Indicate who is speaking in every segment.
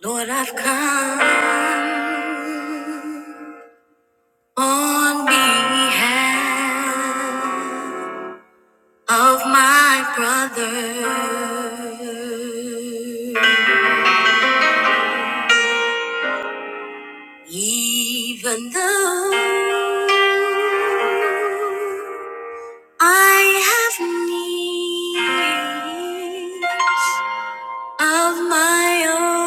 Speaker 1: Lord, I've come on behalf of my brother, even though I have needs of my own.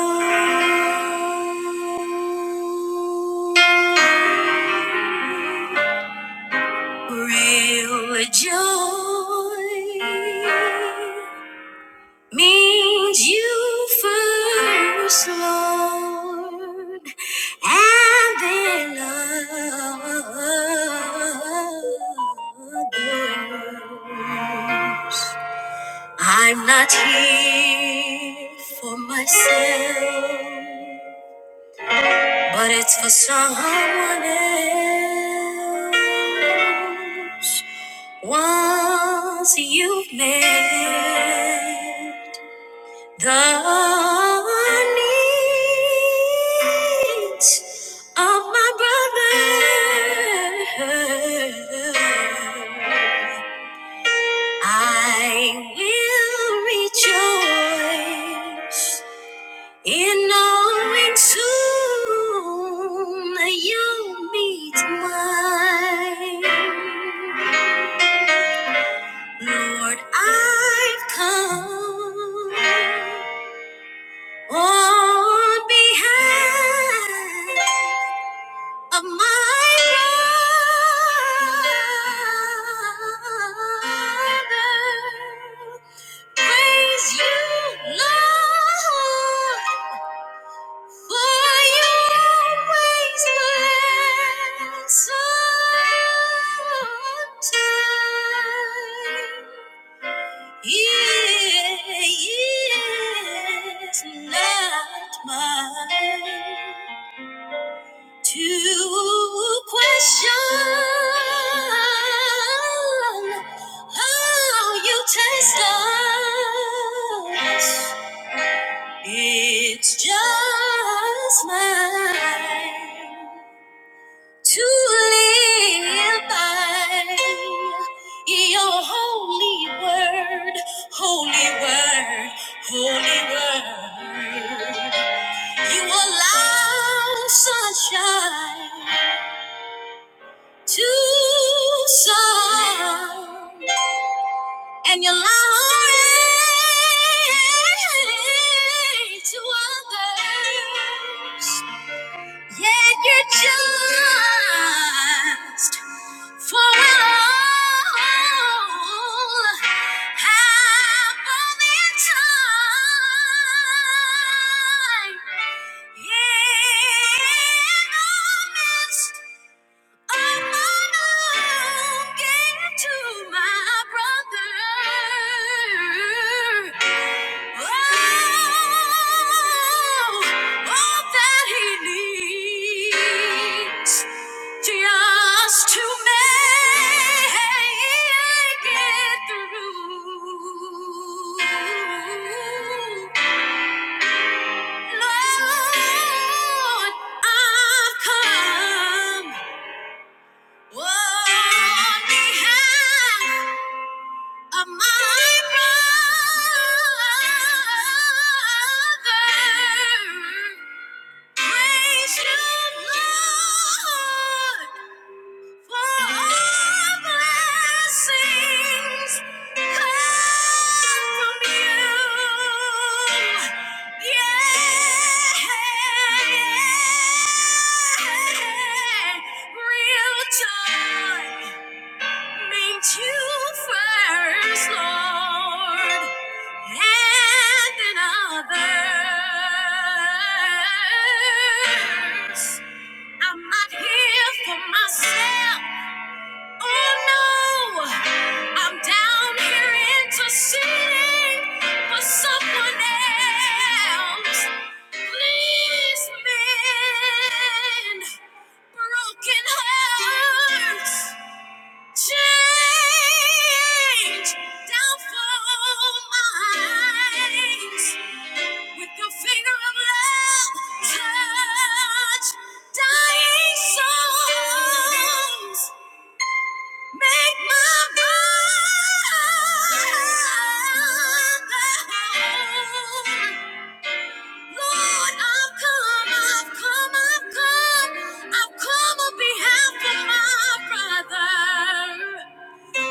Speaker 1: Real joy means you first, Lord, and then others. I'm not here for myself. But it's for someone else. Once you've met the needs of my brother, I will rejoice. In knowing soon a young meets mine, Lord, I've come on behalf of my brother. Praise you, Lord. To question how you taste us. It's just mine. to live by your holy word, holy word, holy word. You allow sunshine to some, and you allow rain to others. Yet you're just for all happening time in the midst I'm belonging to my brother. Oh, all that he needs Just to make it through, Lord, I've come. Whoa, on behalf of my brother, praise you, Lord, for all blessings come from you. Yeah, real time. Meant you first, Lord, and others. I'm not here for myself. Oh no, I'm down here interceding for someone else. Please mend broken hearts. Change downfall minds with the finger of love. Touch dying souls. Make my brother. Lord, I've come, I've come, I've come, I've come on behalf of my brother.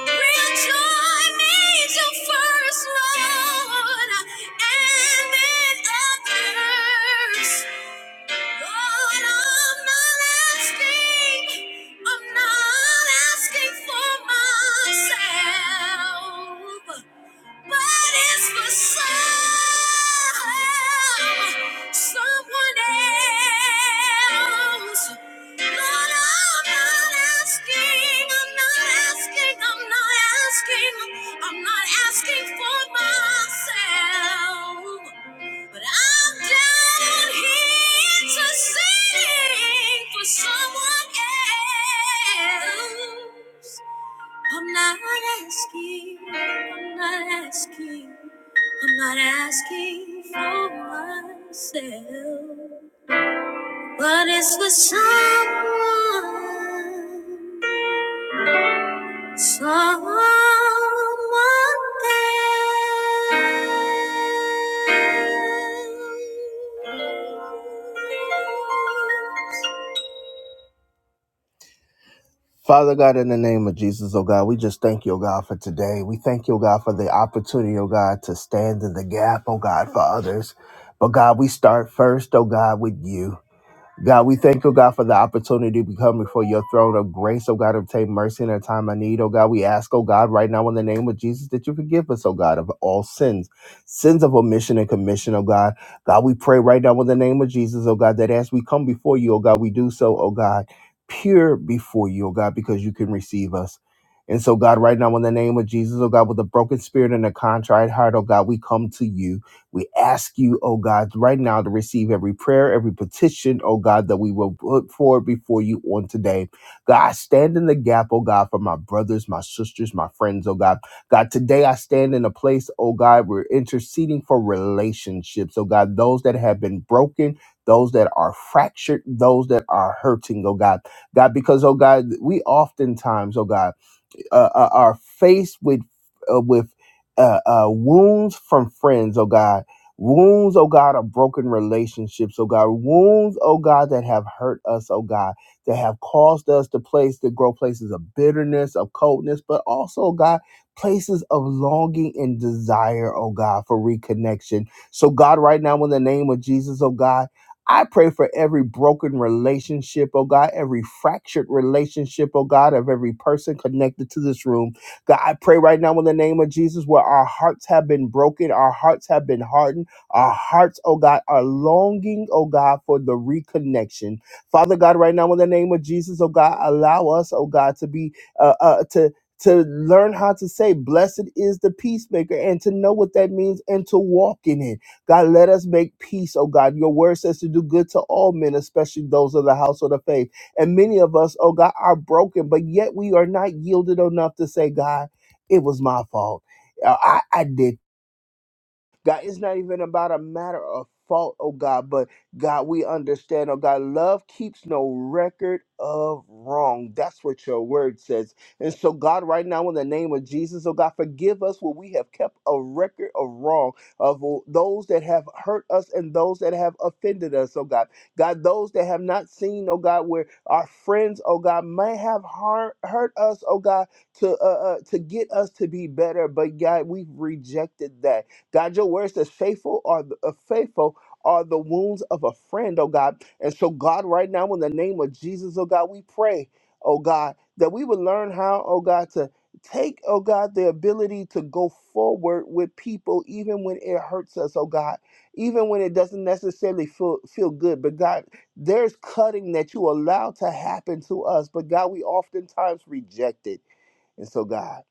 Speaker 1: Real joy needs your first, Lord, and then others. Lord, I'm not asking, I'm not asking for myself. But it's for some, someone else. Lord, I'm not asking, I'm not asking, I'm not asking, I'm not asking for myself. But I'm down here to sing for someone else. I'm not asking, I'm not asking, I'm not asking for myself, but it's for someone, someone else. Father God, in the name of Jesus, oh God, we just thank you, oh God, for today. We thank you, oh God, for the opportunity, oh God, to stand in the gap, oh God, for others. But God, we start first, oh God, with you. God, we thank you, God, for the opportunity to become before your throne of grace, oh God, obtain mercy in a time of need, oh God. We ask, oh God, right now in the name of Jesus that you forgive us, oh God, of all sins, sins of omission and commission, oh God. God, we pray right now in the name of Jesus, oh God, that as we come before you, oh God, we do so, oh God, pure before you, oh God, because you can receive us. And so, God, right now in the name of Jesus, oh God, with a broken spirit and a contrite heart, oh God, we come to you. We ask you, oh God, right now to receive every prayer, every petition, oh God, that we will put forward before you on today. God, I stand in the gap, oh God, for my brothers, my sisters, my friends, oh God. God, today I stand in a place, oh God, we're interceding for relationships, oh God, those that have been broken. Those that are fractured, those that are hurting, oh God. God, because, oh God, we oftentimes, oh God, uh, uh, are faced with uh, with uh, uh, wounds from friends, oh God, wounds, oh God, of broken relationships, oh God, wounds, oh God, that have hurt us, oh God, that have caused us to place to grow places of bitterness, of coldness, but also, oh God, places of longing and desire, oh God, for reconnection. So God, right now, in the name of Jesus, oh God. I pray for every broken relationship, oh God, every fractured relationship, oh God, of every person connected to this room. God, I pray right now in the name of Jesus where our hearts have been broken, our hearts have been hardened, our hearts, oh God, are longing, oh God, for the reconnection. Father God, right now in the name of Jesus, oh God, allow us, oh God, to be, uh, uh, to, to learn how to say, blessed is the peacemaker, and to know what that means and to walk in it. God, let us make peace, oh God. Your word says to do good to all men, especially those of the household of faith. And many of us, oh God, are broken, but yet we are not yielded enough to say, God, it was my fault. Uh, I, I did God, it's not even about a matter of fault, oh God, but God, we understand, oh God, love keeps no record of wrong. That's what your word says. And so, God, right now, in the name of Jesus, oh God, forgive us where we have kept a record of wrong, of those that have hurt us and those that have offended us, oh God. God, those that have not seen, oh God, where our friends, oh God, may have har- hurt us, oh God, to uh, uh, to get us to be better, but God, we've rejected that. God, your word says, faithful are the, uh, faithful are the wounds of a friend, oh God. And so, God, right now, in the name of Jesus, oh God, we pray, oh God, that we would learn how, oh God, to take, oh God, the ability to go forward with people, even when it hurts us, oh God, even when it doesn't necessarily feel, feel good. But God, there's cutting that you allow to happen to us, but God, we oftentimes reject it. And so, God,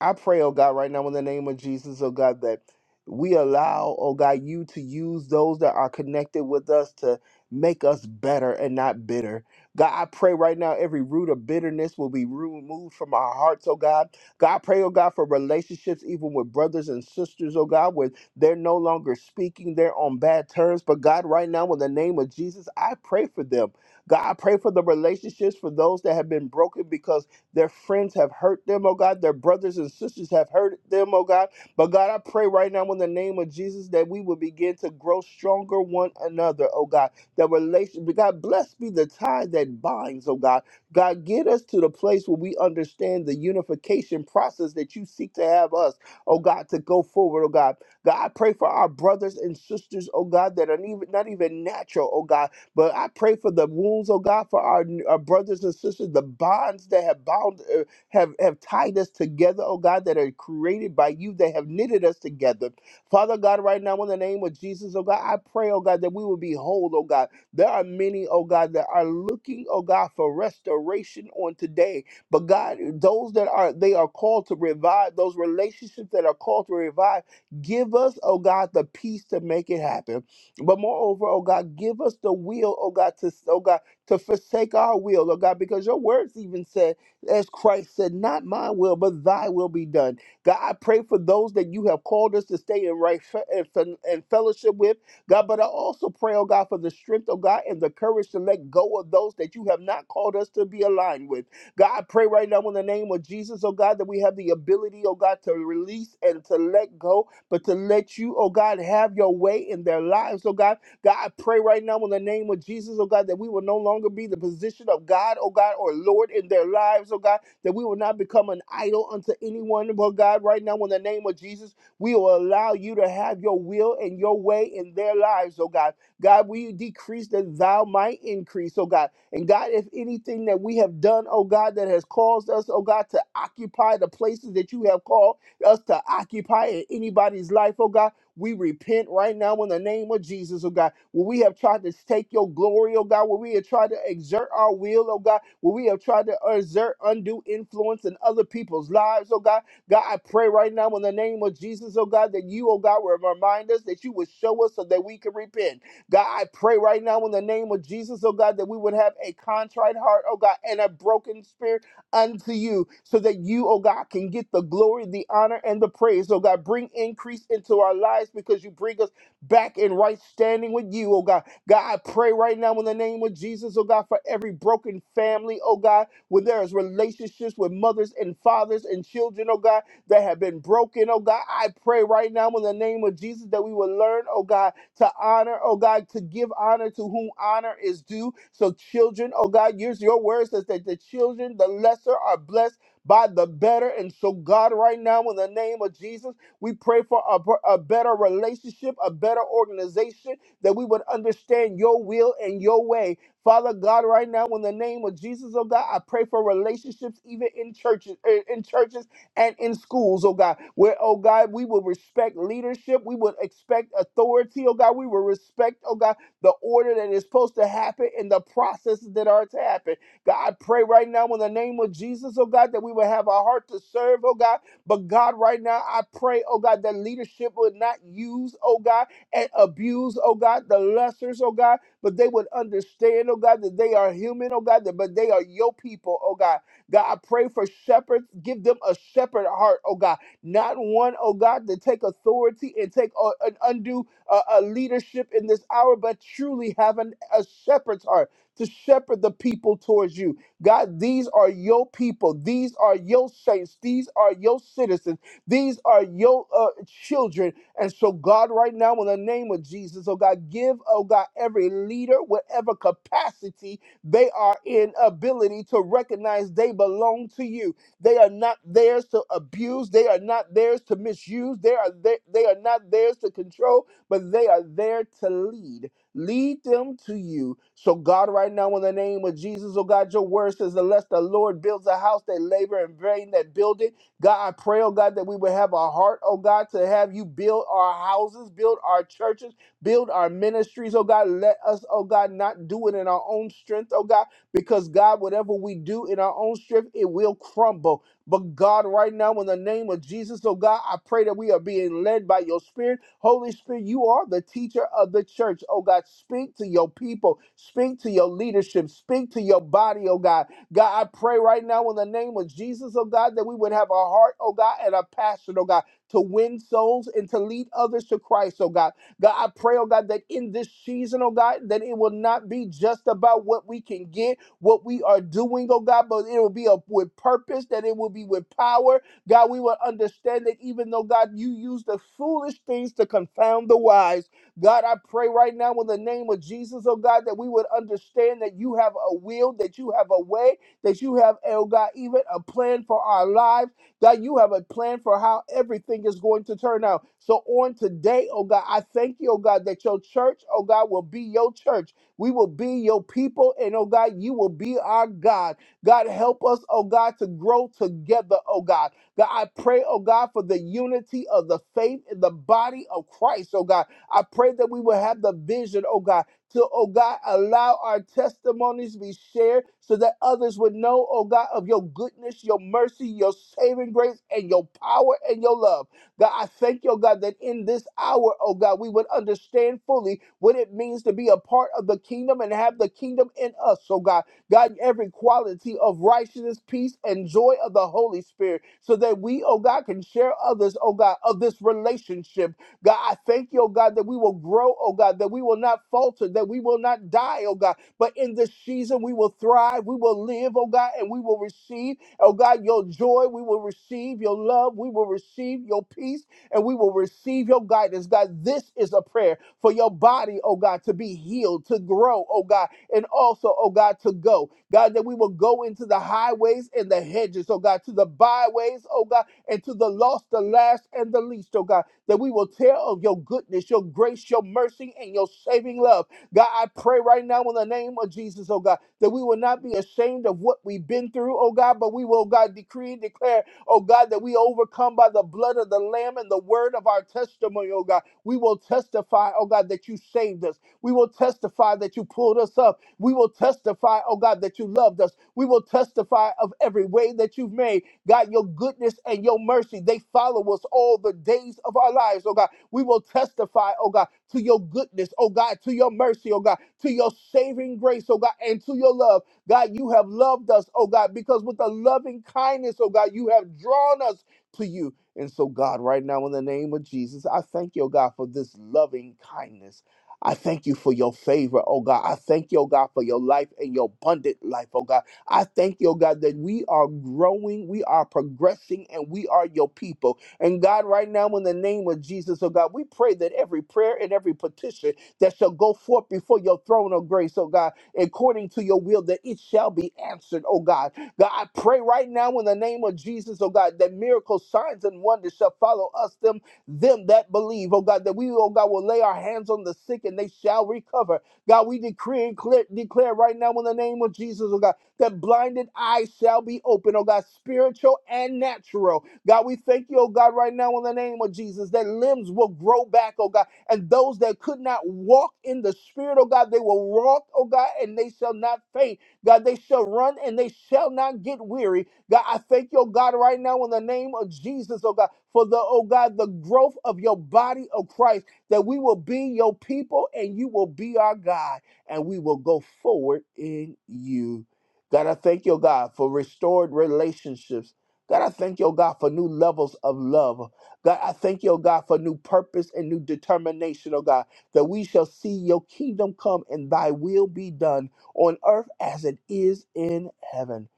Speaker 1: I pray, oh God, right now in the name of Jesus, oh God, that we allow, oh God, you to use those that are connected with us to make us better and not bitter. God, I pray right now every root of bitterness will be removed from our hearts, oh God. God, I pray, oh God, for relationships, even with brothers and sisters, oh God, where they're no longer speaking, they're on bad terms. But God, right now, in the name of Jesus, I pray for them. God, I pray for the relationships for those that have been broken because their friends have hurt them, oh God. Their brothers and sisters have hurt them, oh God. But God, I pray right now in the name of Jesus that we will begin to grow stronger one another, oh God. That relation, God, bless be the tie that binds, oh God. God, get us to the place where we understand the unification process that you seek to have us, oh God, to go forward, oh God. God, I pray for our brothers and sisters, oh God, that are even, not even natural, oh God but I pray for the wounds, oh God, for our, our brothers and sisters, the bonds that have bound, uh, have, have tied us together, oh God, that are created by you, that have knitted us together. Father God, right now, in the name of Jesus, oh God, I pray, oh God, that we will be whole, oh God. There are many, oh God, that are looking, oh God, for restoration on today. But God, those that are, they are called to revive, those relationships that are called to revive, give us, oh God, the peace to make it happen. But moreover, oh God, give us the will, oh God, to oh God, to forsake our will, oh God, because your words even said, as Christ said, not my will, but thy will be done. God, I pray for those that you have called us to stay in right fe- and fe- and fellowship with. God, but I also pray, oh God, for the strength, oh God, and the courage to let go of those that you have not called us to be aligned with. God, I pray right now in the name of Jesus, oh God, that we have the ability, oh God, to release and to let go but to let you, oh God, have your way in their lives, oh God. God, I pray right now in the name of Jesus, oh God, that we will no longer be the position of God, oh God, or Lord in their lives, oh God, that we will not become an idol unto anyone, but God, right now in the name of Jesus, we will allow you to have your will and your way in their lives, oh God. God, will you decrease that thou might increase, oh God. And God, if anything that we have done, oh God, that has caused us, oh God, to occupy the places that you have called, us to occupy in anybody's life, oh God. We repent right now in the name of Jesus, oh God. Where we have tried to take your glory, oh God. Where we have tried to exert our will, oh God. Where we have tried to exert undue influence in other people's lives, oh God. God, I pray right now in the name of Jesus, oh God, that you, oh God, will remind us that you would show us so that we can repent. God, I pray right now in the name of Jesus, oh God, that we would have a contrite heart, oh God, and a broken spirit unto you so that you, oh God, can get the glory, the honor, and the praise. Oh God, bring increase into our lives because you bring us back in right standing with you, oh God. God, I pray right now in the name of Jesus, oh God, for every broken family, oh God, where there is relationships with mothers and fathers and children, oh God that have been broken, oh God. I pray right now in the name of Jesus that we will learn, oh God, to honor, oh God, to give honor to whom honor is due. So, children, oh God, use your words says that the children, the lesser, are blessed by the better. And so, God, right now in the name of Jesus, we pray for a a better relationship, a better organization, that we would understand your will and your way. Father God, right now in the name of Jesus, oh God, I pray for relationships even in churches, eh, in churches and in schools, oh God, where, oh God, we will respect leadership. We would expect authority, oh God. We will respect, oh God, the order that is supposed to happen and the processes that are to happen. God, I pray right now in the name of Jesus, oh God, that we will have a heart to serve, oh God. But God, right now, I pray, oh God, that leadership would not use, oh God, and abuse, oh God, the lessers, oh God, but they would understand, oh God, that they are human, oh God, that, but they are your people, oh God God, I pray for shepherds. Give them a shepherd heart, oh God. Not one, oh God, to take authority and take uh, an undue uh, uh, leadership in this hour, but truly have an, a shepherd's heart to shepherd the people towards you. God, these are your people. These are your saints. These are your citizens. These are your uh, children. And so, God, right now, in the name of Jesus, oh God, give, oh God, every leader, whatever capacity they are in ability to recognize they belong to you. They are not theirs to abuse. They are not theirs to misuse. They are they, they are not theirs to control, but they are there to lead. Lead them to you. So God, right now, in the name of Jesus, oh God, your word says, unless the Lord builds a house, they labor in vain that build it. God, I pray, oh God, that we would have a heart, oh God, to have you build our houses, build our churches Build our ministries, oh God. Let us, oh God, not do it in our own strength, oh God, because God, whatever we do in our own strength, it will crumble. But God, right now, in the name of Jesus, oh God, I pray that we are being led by your spirit. Holy Spirit, you are the teacher of the church, oh God. Speak to your people, speak to your leadership, speak to your body, oh God. God, I pray right now in the name of Jesus, oh God, that we would have a heart, oh God, and a passion, oh God, to win souls and to lead others to Christ, oh God. God, I pray, oh God, that in this season, oh God, that it will not be just about what we can get, what we are doing, oh God, but it will be a, with purpose, that it will be with power. God, we will understand that even though, God, you use the foolish things to confound the wise. God, I pray right now in the name of Jesus, oh God, that we would understand that you have a will, that you have a way, that you have, oh God, even a plan for our lives. God, you have a plan for how everything is going to turn out. So on today, oh God, I thank you, oh God, that your church, oh God, will be your church. We will be your people, and oh God, you will be our God. God, help us, oh God, to grow together, oh God. God, I pray, oh God, for the unity of the faith in the body of Christ, oh God. I pray that we will have the vision, oh God to, oh God, allow our testimonies to be shared so that others would know, oh God, of your goodness, your mercy, your saving grace, and your power and your love. God, I thank you, oh God, that in this hour, oh God, we would understand fully what it means to be a part of the kingdom and have the kingdom in us, oh God. God, every quality of righteousness, peace, and joy of the Holy Spirit, so that we, oh God, can share others, oh God, of this relationship God, I thank you, oh God, that we will grow, oh God, that we will not falter, that we will not die, oh God. But in this season, we will thrive, we will live, oh God, and we will receive, oh God, your joy, we will receive your love, we will receive your peace, and we will receive your guidance. God, this is a prayer for your body, oh God, to be healed, to grow, oh God, and also, oh God, to go. God, that we will go into the highways and the hedges, oh God, to the byways, oh God, and to the lost, the last, and the least, oh God that we will tell of your goodness, your grace, your mercy, and your saving love. God, I pray right now in the name of Jesus, oh God, that we will not be ashamed of what we've been through, oh God, but we will, God, decree and declare, oh God, that we overcome by the blood of the Lamb and the word of our testimony, oh God. We will testify, oh God, that you saved us. We will testify that you pulled us up. We will testify, oh God, that you loved us. We will testify of every way that you've made. God, your goodness and your mercy, they follow us all the days of our lives, oh God. We will testify, oh God, to your goodness, oh God, to your mercy, oh God, to your saving grace, oh God, and to your love. God, you have loved us, oh God, because with a loving kindness, oh God, you have drawn us to you. And so, God, right now, in the name of Jesus, I thank you, oh God, for this loving kindness. I thank you for your favor, oh God. I thank you, oh God, for your life and your abundant life, oh God. I thank you, oh God, that we are growing, we are progressing, and we are your people. And God, right now, in the name of Jesus, oh God, we pray that every prayer and every petition that shall go forth before your throne of grace, oh God, according to your will, that it shall be answered, oh God. God, I pray right now in the name of Jesus, oh God, that miracles, signs, and wonders shall follow us, them, them that believe, oh God, that we, oh God, will lay our hands on the sick and they shall recover God, we decree and clear, declare right now in the name of Jesus, oh God, that blinded eyes shall be open, oh God, spiritual and natural. God, we thank you, oh God, right now in the name of Jesus, that limbs will grow back, oh God, and those that could not walk in the spirit, oh God, they will walk, oh God, and they shall not faint. God, they shall run and they shall not get weary. God, I thank you, oh God, right now in the name of Jesus, oh God, for the, oh God, the growth of your body of Christ that we will be your people and you will be our God and we will go forward in you. God, I thank your God for restored relationships. God, I thank your God for new levels of love. God, I thank your God for new purpose and new determination, oh God, that we shall see your kingdom come and thy will be done on earth as it is in heaven.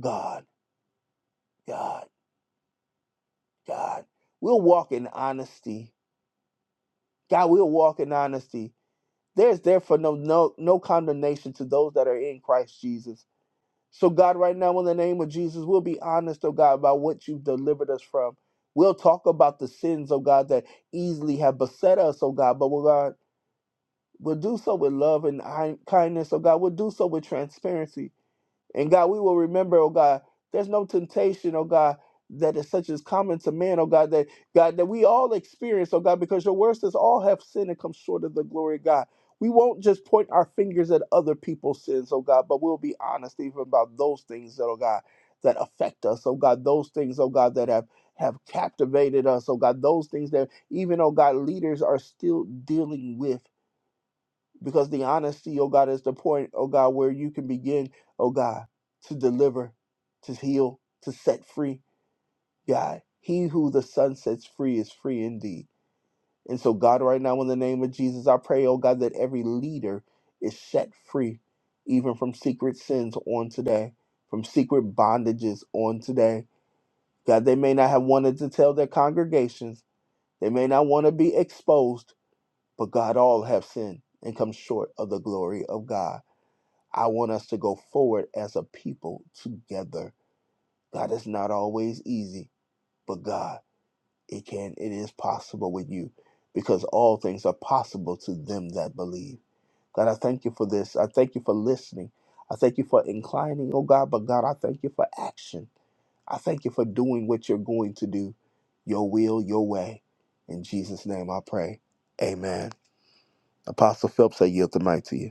Speaker 1: God, God, God, we'll walk in honesty. God, we'll walk in honesty. There's therefore no no no condemnation to those that are in Christ Jesus. So God, right now, in the name of Jesus, we'll be honest, oh God, about what you've delivered us from. We'll talk about the sins, oh God, that easily have beset us, oh God, but we'll God, we'll do so with love and kindness, oh God. We'll do so with transparency. And God, we will remember, oh God, there's no temptation, oh God, that is such as common to man, oh God, that God, that we all experience, oh God, because your word says all have sinned and come short of the glory of God. We won't just point our fingers at other people's sins, oh God, but we'll be honest even about those things that, oh God, that affect us, oh God, those things, oh God, that have have captivated us, oh God, those things that even, oh God, leaders are still dealing with. Because the honesty, oh God, is the point, oh God, where you can begin, oh God, to deliver, to heal, to set free. God, he who the Son sets free is free indeed. And so, God, right now, in the name of Jesus, I pray, oh God, that every leader is set free, even from secret sins on today, from secret bondages on today. God, they may not have wanted to tell their congregations, they may not want to be exposed, but God, all have sinned and come short of the glory of God. I want us to go forward as a people together. God is not always easy, but God, it can, it is possible with you because all things are possible to them that believe. God, I thank you for this. I thank you for listening. I thank you for inclining, oh God, but God, I thank you for action. I thank you for doing what you're going to do, your will, your way. In Jesus' name I pray. Amen. Apostle Phelps, I yield the mic to you.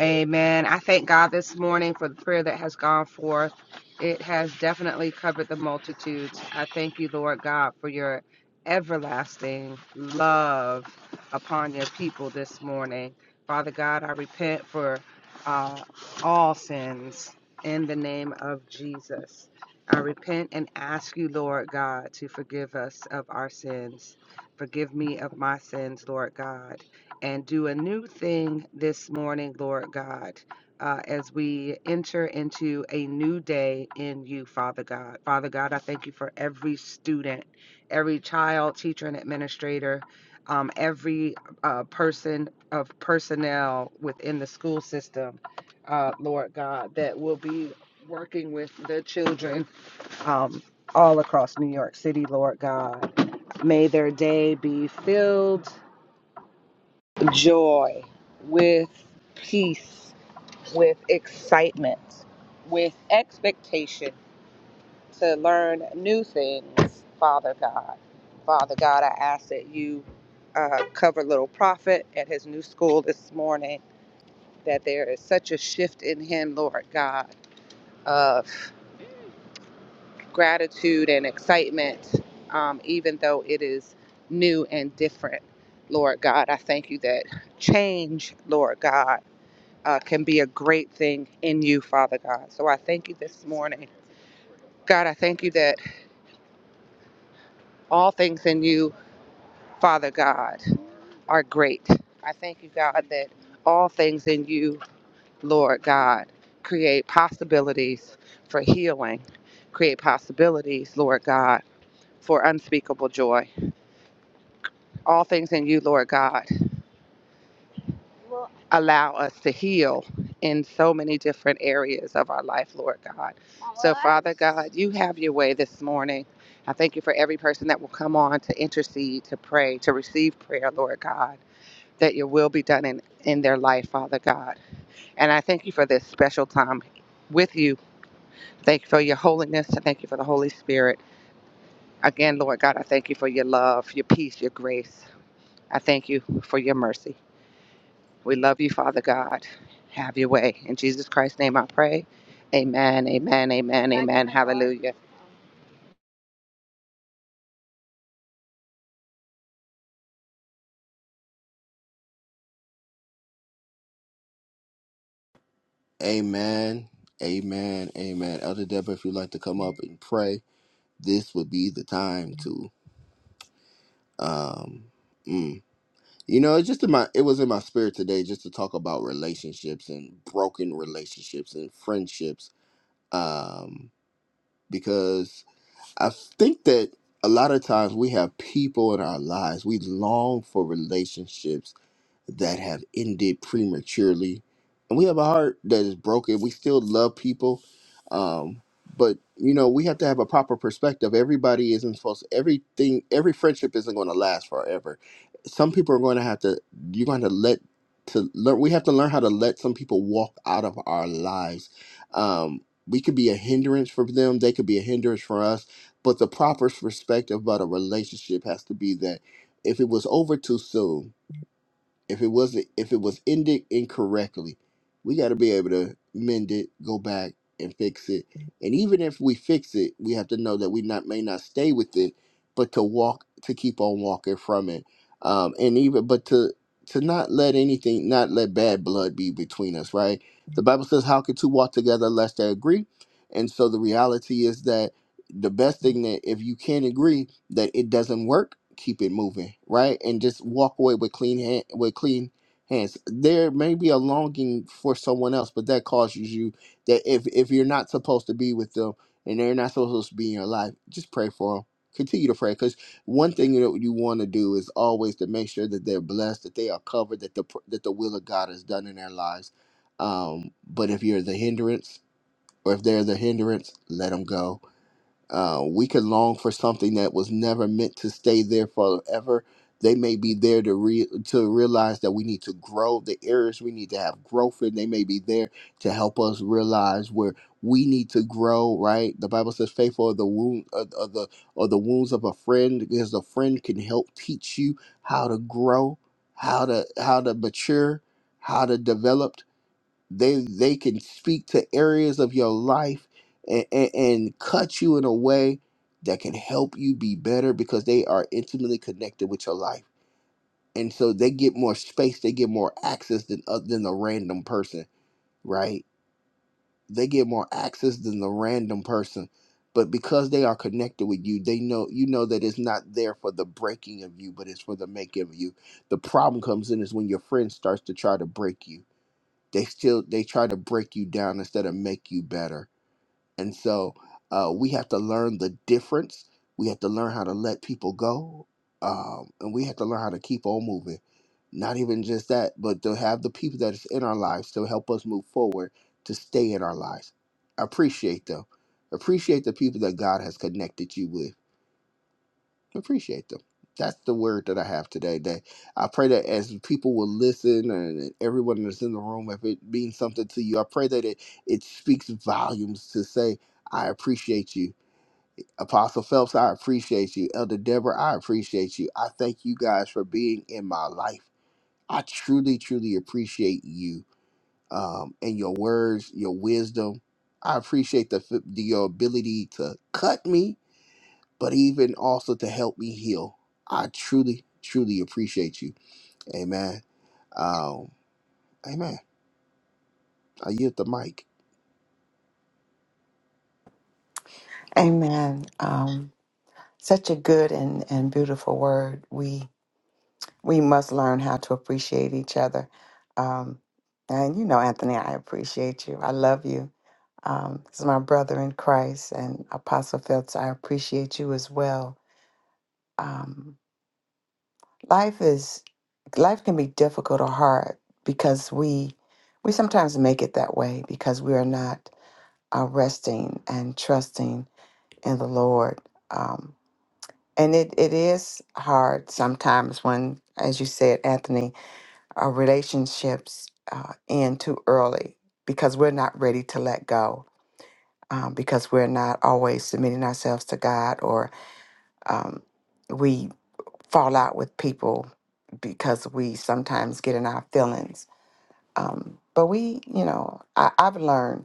Speaker 2: Amen. I thank God this morning for the prayer that has gone forth. It has definitely covered the multitudes. I thank you, Lord God, for your everlasting love upon your people this morning. Father God, I repent for uh, all sins in the name of Jesus. I repent and ask you, Lord God, to forgive us of our sins. Forgive me of my sins, Lord God and do a new thing this morning, Lord God, uh, as we enter into a new day in you, Father God. Father God, I thank you for every student, every child, teacher, and administrator, um, every uh, person of personnel within the school system, uh, Lord God, that will be working with the children. Um, all across New York City, Lord God. May their day be filled joy, with peace, with excitement, with expectation to learn new things, Father God. Father God, I ask that you uh, cover Little Prophet at his new school this morning, that there is such a shift in him, Lord God, of gratitude and excitement, um, even though it is new and different. Lord God, I thank you that change, Lord God uh, can be a great thing in you, Father God. So I thank you this morning. God, I thank you that all things in you, Father God, are great. I thank you, God, that all things in you, Lord God, create possibilities for healing, create possibilities, Lord God, for unspeakable joy. All things in you, Lord God. allow us to heal in so many different areas of our life, Lord God. So, Father God, you have your way this morning. I thank you for every person that will come on to intercede, to pray, to receive prayer, Lord God, that your will be done in, in their life, Father God. And I thank you for this special time with you. Thank you for your holiness. I thank you for the Holy Spirit. Again, Lord God, I thank you for your love, your peace, your grace. I thank you for your mercy. We love you, Father God. Have your way. In Jesus Christ's name I pray. Amen, amen, amen, amen. Hallelujah.
Speaker 1: Amen. Amen. Amen. Elder Deborah, if you'd like to come up and pray, this would be the time to. Um, mm. You know, it's just in my it was in my spirit today just to talk about relationships and broken relationships and friendships. Um, because I think that a lot of times we have people in our lives, we long for relationships that have ended prematurely. And we have a heart that is broken. We still love people. Um, but you know, we have to have a proper perspective. Everybody isn't supposed to everything every friendship isn't gonna last forever. Some people are gonna have to you're gonna let to learn we have to learn how to let some people walk out of our lives. Um we could be a hindrance for them, they could be a hindrance for us. But the proper perspective about a relationship has to be that if it was over too soon, if it wasn't if it was ended incorrectly we got to be able to mend it go back and fix it and even if we fix it we have to know that we not may not stay with it but to walk to keep on walking from it um and even but to to not let anything not let bad blood be between us right the bible says how can two walk together unless they agree and so the reality is that the best thing that if you can agree that it doesn't work, keep it moving, right? And just walk away with clean hand with clean hands. There may be a longing for someone else, but that causes you that if if you're not supposed to be with them and they're not supposed to be in your life, just pray for them. Continue to pray because one thing that you want to do is always to make sure that they're blessed, that they are covered, that the pr- that the will of God is done in their lives. Um, but if you're the hindrance, or if they're the hindrance, let them go uh, we could long for something that was never meant to stay there forever. They may be there to re- to realize that we need to grow the areas we need to have growth in. They may be there to help us realize where we need to grow. Right? The Bible says, "Faithful are the wound of of the or the wounds of a friend, because a friend can help teach you how to grow, how to how to mature, how to develop." they they can speak to areas of your life and, and, and cut you in a way that can help you be better because they are intimately connected with your life and so they get more space they get more access than uh, than the random person right they get more access than the random person but because they are connected with you they know you know that it's not there for the breaking of you but it's for the making of you the problem comes in is when your friend starts to try to break you they still they try to break you down instead of make you better and so uh, we have to learn the difference we have to learn how to let people go um, and we have to learn how to keep on moving not even just that but to have the people that is in our lives to help us move forward to stay in our lives appreciate them appreciate the people that god has connected you with appreciate them. That's the word that I have today. That I pray that as people will listen and, and everyone that's in the room, if it means something to you, I pray that it, it speaks volumes to say, I appreciate you. Apostle Phelps, I appreciate you. Elder Deborah, I appreciate you. I thank you guys for being in my life. I truly, truly appreciate you um, and your words, your wisdom. I appreciate the, f- the your ability to cut me but even also to help me heal. I truly, truly appreciate you. Amen. Um, amen. I yield the mic.
Speaker 3: Amen. Um, such a good and, and beautiful word. We we must learn how to appreciate each other. Um, and you know, Anthony, I appreciate you. I love you. Um, this is my brother in Christ and Apostle Phelps. I appreciate you as well. Um, life is life can be difficult or hard because we we sometimes make it that way because we are not uh, resting and trusting in the Lord. Um, And it, it is hard sometimes when, as you said, Anthony, our relationships uh, end too early because we're not ready to let go, um, because we're not always submitting ourselves to God, or um, we fall out with people because we sometimes get in our feelings. Um, but we, you know, I, I've learned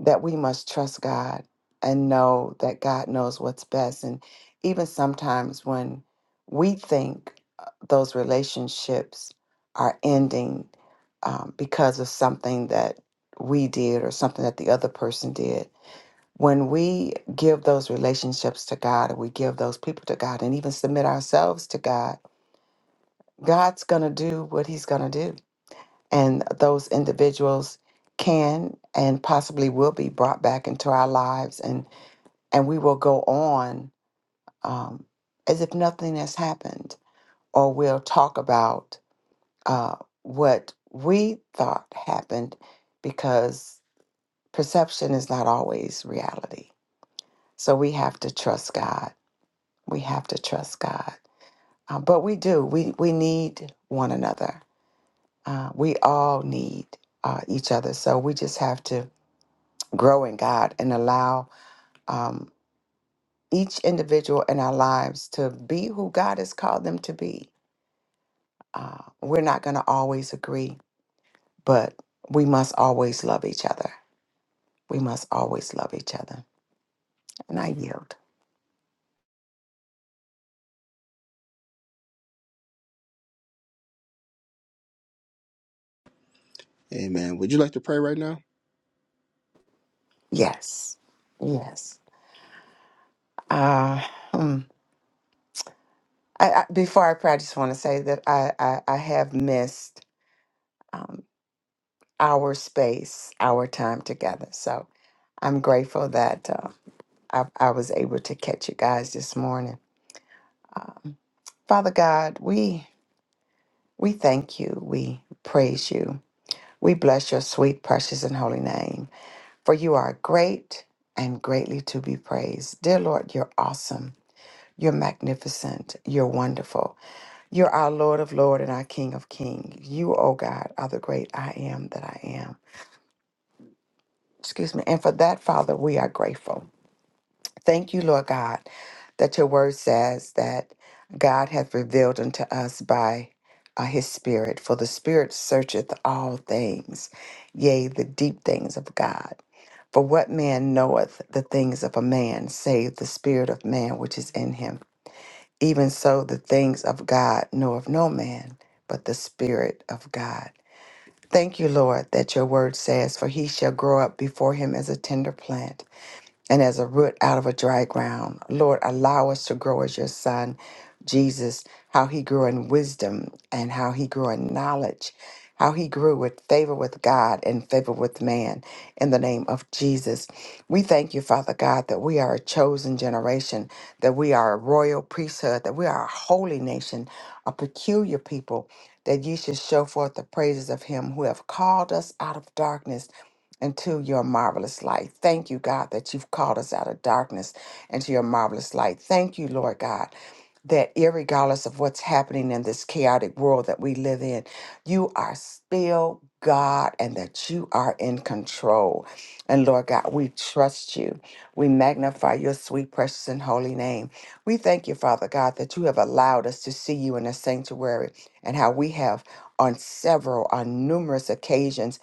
Speaker 3: that we must trust God and know that God knows what's best. And even sometimes when we think uh, those relationships are ending um, because of something that we did or something that the other person did, when we give those relationships to God and we give those people to God and even submit ourselves to God, God's going to do what He's going to do and those individuals can and possibly will be brought back into our lives and and we will go on um, as if nothing has happened or we'll talk about uh, what we thought happened because perception is not always reality so we have to trust god we have to trust god Uh, but we do we we need one another uh, we all need uh, each other so we just have to grow in God and allow um, each individual in our lives to be who God has called them to be. Uh, we're not going to always agree, but we must always love each other. We must always love each other. And I yield.
Speaker 1: Amen. Would you like to pray right now?
Speaker 3: Yes. Yes. Uh, hmm. I, I, before I pray, I just want to say that I, I, I have missed um, our space, our time together. So I'm grateful that uh, I, I was able to catch you guys this morning. Father God, we we thank you. We praise you. We bless your sweet, precious, and holy name. For you are great and greatly to be praised. Dear Lord, you're awesome. You're magnificent. You're wonderful. You're our Lord of Lord and our King of King. You, O God, are the great I am that I am. Excuse me. And for that, Father, we are grateful. Thank you, Lord God, that your word says that God hath revealed unto us by uh, his spirit, for the spirit searcheth all things, yea, the deep things of God. For what man knoweth the things of a man, save the spirit of man which is in him? Even so, the things of God knoweth no man, but the spirit of God. Thank you, Lord, that your word says, For he shall grow up before him as a tender plant and as a root out of a dry ground. Lord, allow us to grow as your son, Jesus, how he grew in wisdom and how he grew in knowledge, how he grew with favor with God and favor with man. In the name of Jesus, we thank you, Father God, that we are a chosen generation, that we are a royal priesthood, that we are a holy nation, a peculiar people. That you should show forth the praises of him who have called us out of darkness into your marvelous light. Thank you, God, that you've called us out of darkness into your marvelous light. Thank you, Lord God, that irregardless of what's happening in this chaotic world that we live in, you are still God and that you are in control. And Lord God, we trust you. We magnify your sweet, precious, and holy name. We thank you, Father God, that you have allowed us to see you in the sanctuary and how we have on several, on numerous occasions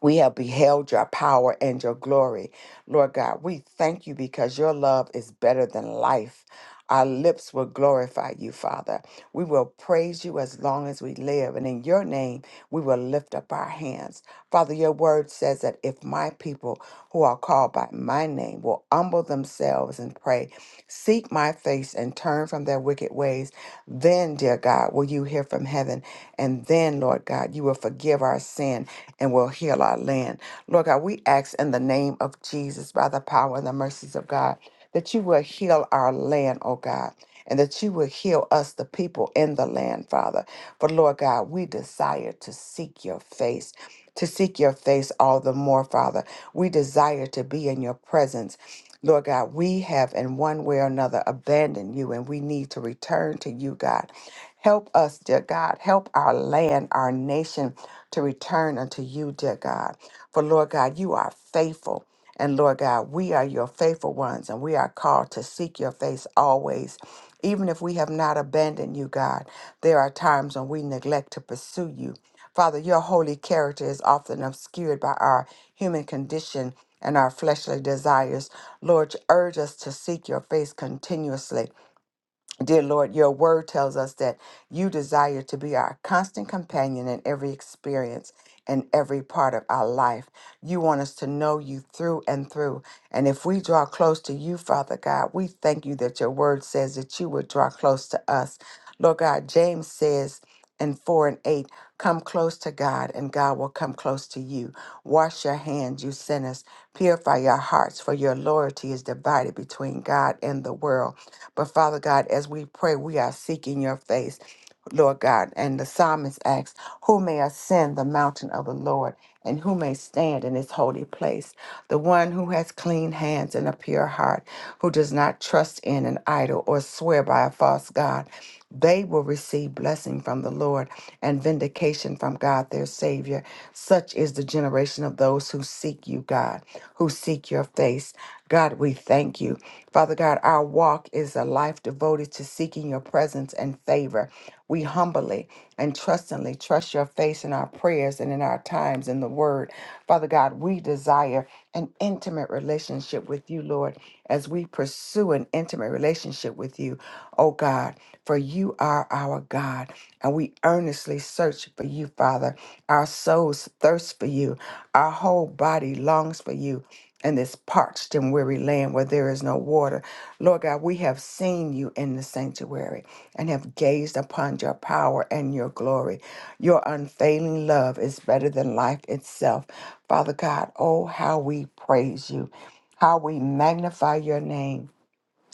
Speaker 3: we have beheld your power and your glory. Lord God, we thank you because your love is better than life. Our lips will glorify you, Father. We will praise you as long as we live. And in your name, we will lift up our hands. Father, your word says that if my people who are called by my name will humble themselves and pray Seek my face and turn from their wicked ways. Then, dear God, will you hear from heaven? And then, Lord God, you will forgive our sin and will heal our land. Lord God, we ask in the name of Jesus, by the power and the mercies of God, that you will heal our land, oh God. And that you will heal us, the people in the land, Father. For Lord God, we desire to seek your face, to seek your face all the more, Father. We desire to be in your presence. Lord God, we have in one way or another abandoned you and we need to return to you, God. Help us, dear God. Help our land, our nation to return unto you, dear God. For Lord God, you are faithful. And Lord God, we are your faithful ones and we are called to seek your face always. Even if we have not abandoned you, God, there are times when we neglect to pursue you. Father, your holy character is often obscured by our human condition and our fleshly desires. Lord, urge us to seek your face continuously. Dear Lord, your word tells us that you desire to be our constant companion in every experience, and every part of our life. You want us to know you through and through. And if we draw close to you, Father God, we thank you that your word says that you would draw close to us. Lord God, James says in 4 and 8, come close to God, and God will come close to you. Wash your hands, you sinners. Purify your hearts, for your loyalty is divided between God and the world. But Father God, as we pray, we are seeking your face. Lord God, and the psalmist asks, Who may ascend the mountain of the Lord, and who may stand in his holy place? The one who has clean hands and a pure heart, who does not trust in an idol or swear by a false God, they will receive blessing from the Lord. Lord, and vindication from God, their Savior. Such is the generation of those who seek you, God, who seek your face. God, we thank you. Father God, our walk is a life devoted to seeking your presence and favor. We humbly and trustingly trust your face in our prayers and in our times in the word. Father God, we desire an intimate relationship with you, Lord, as we pursue an intimate relationship with with you, oh God, for you are our God. And we earnestly search for you, Father. Our souls thirst for you, our whole body longs for you. In this parched and weary land where there is no water. Lord God, we have seen you in the sanctuary and have gazed upon your power and your glory. Your unfailing love is better than life itself. Father God, oh, how we praise you, how we magnify your name.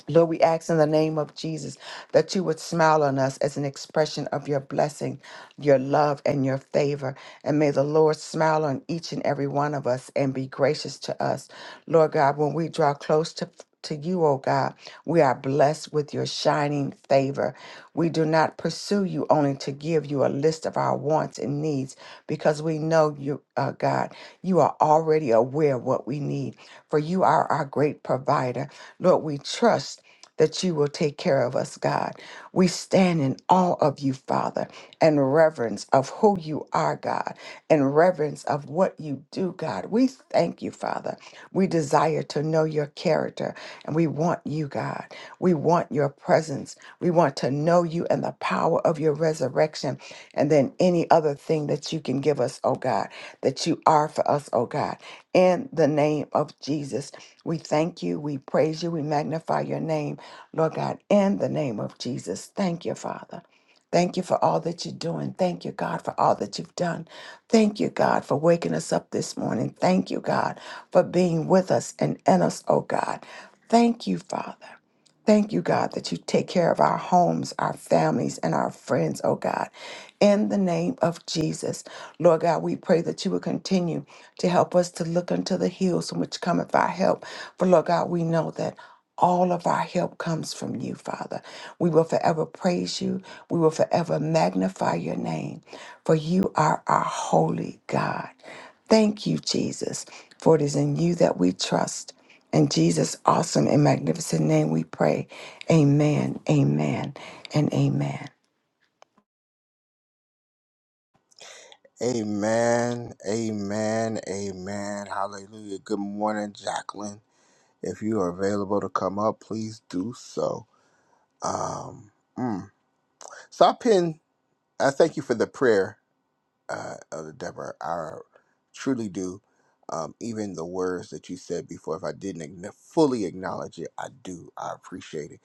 Speaker 3: Lord, we ask in the name of Jesus that you would smile on us as an expression of your blessing, your love, and your favor. And may the Lord smile on each and every one of us and be gracious to us. Lord God, when we draw close to to you, O God, we are blessed with your shining favor. We do not pursue you only to give you give you a list of our wants and needs because we know you, uh, God, you are already aware of what we need, for you are our great provider. Lord, we trust that you will take care of us, God. We stand in awe of you, Father, and reverence of who you are, God, and reverence of what you do, God. We thank you, Father. We desire to know your character and we want you, God. We want your presence. We want to know you and the power of your resurrection and then any other thing that you can give us, oh God, that you are for us, oh God. In the name of Jesus, we thank you. We praise you. We magnify your name, Lord God, in the name of Jesus. Thank you, Father. Thank you for all that you're doing. Thank you, God, for all that you've done. Thank you, God, for waking us up this morning. Thank you, God, for being with us and in us, oh God. Thank you, Father. Thank you, God, that you take care of our homes, our families, and our friends, oh God in the name of Jesus. Lord God, we pray that you will continue to help us to look unto the hills from which cometh our help. For Lord God, we know that all of our help comes from you, Father. We will forever praise you. We will forever magnify your name, for you are our holy God. Thank you, Jesus, for it is in you that we trust. In Jesus' awesome and magnificent name we pray. Amen, amen, and amen.
Speaker 1: Amen. Amen. Amen. Hallelujah. Good morning, Jacqueline. If you are available to come up, please do so. Um, mm. So I pin. I thank you for the prayer, uh, Elder Deborah. I truly do. Um, even the words that you said before, if I didn't agn- fully acknowledge it, I do. I appreciate it.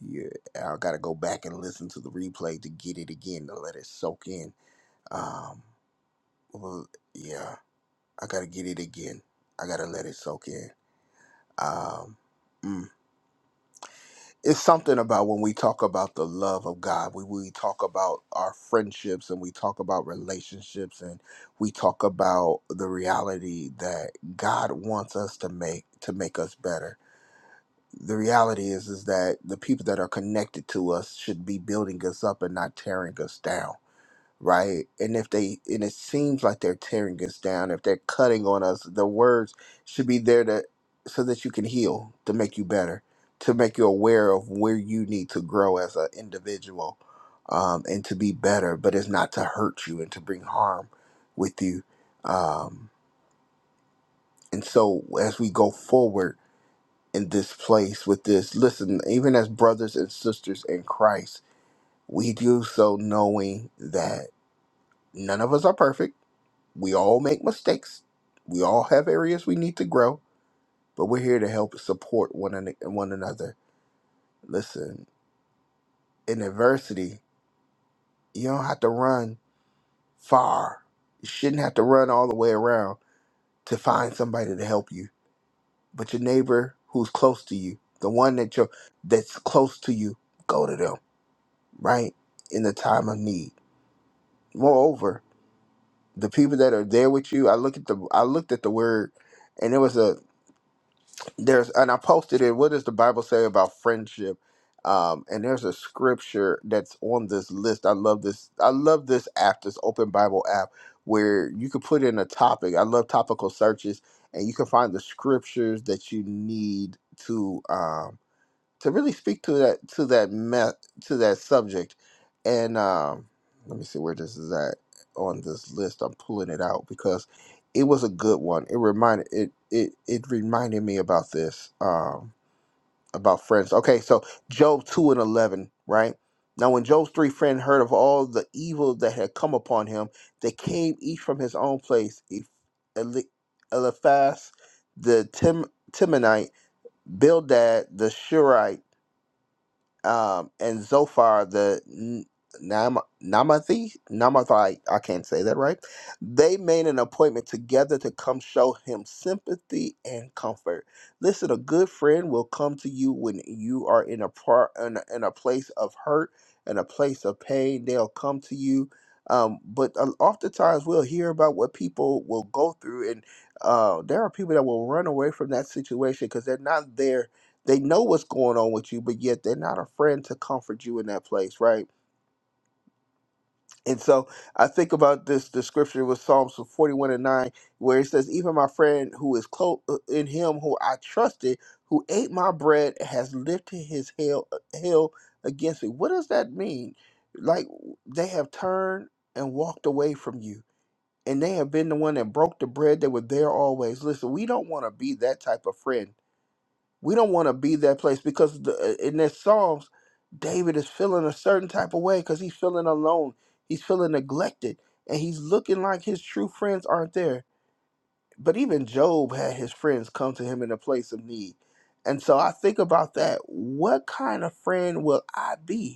Speaker 1: You, I got to go back and listen to the replay to get it again to let it soak in. Um, well, yeah, I got to get it again. I got to let it soak in. Um, mm. it's something about when we talk about the love of God, we, we talk about our friendships and we talk about relationships and we talk about the reality that God wants us to make to make us better. The reality is is that the people that are connected to us should be building us up and not tearing us down right? And if they and it seems like they're tearing us down, if they're cutting on us, the words should be there to so that you can heal, to make you better, to make you aware of where you need to grow as an individual, um, and to be better. But it's not to hurt you and to bring harm with you. Um, and so as we go forward in this place with this, listen, even as brothers and sisters in Christ, we do so knowing that none of us are perfect We all make mistakes. We all have areas we need to grow, but we're here to help support one, an- one another. Listen, in adversity, you don't have to run far. You shouldn't have to run all the way around to find somebody to help you. But your neighbor who's close to you, the one that you that's close to you, go to them, right? In the time of need. Moreover, the people that are there with you, I look at the I looked at the word and it was a there's and I posted it. What does the Bible say about friendship? Um, and there's a scripture that's on this list. I love this. I love this app, this Open Bible app, where you can put in a topic. I love topical searches, and you can find the scriptures that you need to. Um, to really speak to that to that me- to that subject and um let me see where this is at on this list i'm pulling it out because it was a good one it reminded it it, it reminded me about this um about friends okay so job 2 and 11 right now when job's three friends heard of all the evil that had come upon him they came each from his own place Eph- Eli- eliphaz the Tim- timonite bildad the shurite um, and Zophar the N- Nam- Namathi, Namathi, I can't say that right. They made an appointment together to come show him sympathy and comfort. Listen, a good friend will come to you when you are in a par- in a, in a place of hurt and a place of pain. They'll come to you. Um, but uh, oftentimes we'll hear about what people will go through, and uh, there are people that will run away from that situation because they're not there they know what's going on with you, but yet they're not a friend to comfort you in that place, right? And so I think about this description with Psalms 41 and 9, where it says, Even my friend who is close in him who I trusted, who ate my bread, has lifted his hail, hail against me. What does that mean? Like they have turned and walked away from you. And they have been the one that broke the bread. They were there always. Listen, we don't want to be that type of friend we don't want to be that place because the, uh, in that Psalms, David is feeling a certain type of way because he's feeling alone. He's feeling neglected. And he's looking like his true friends aren't there. But even Job had his friends come to him in a place of need. And so I think about that. What kind of friend will I be?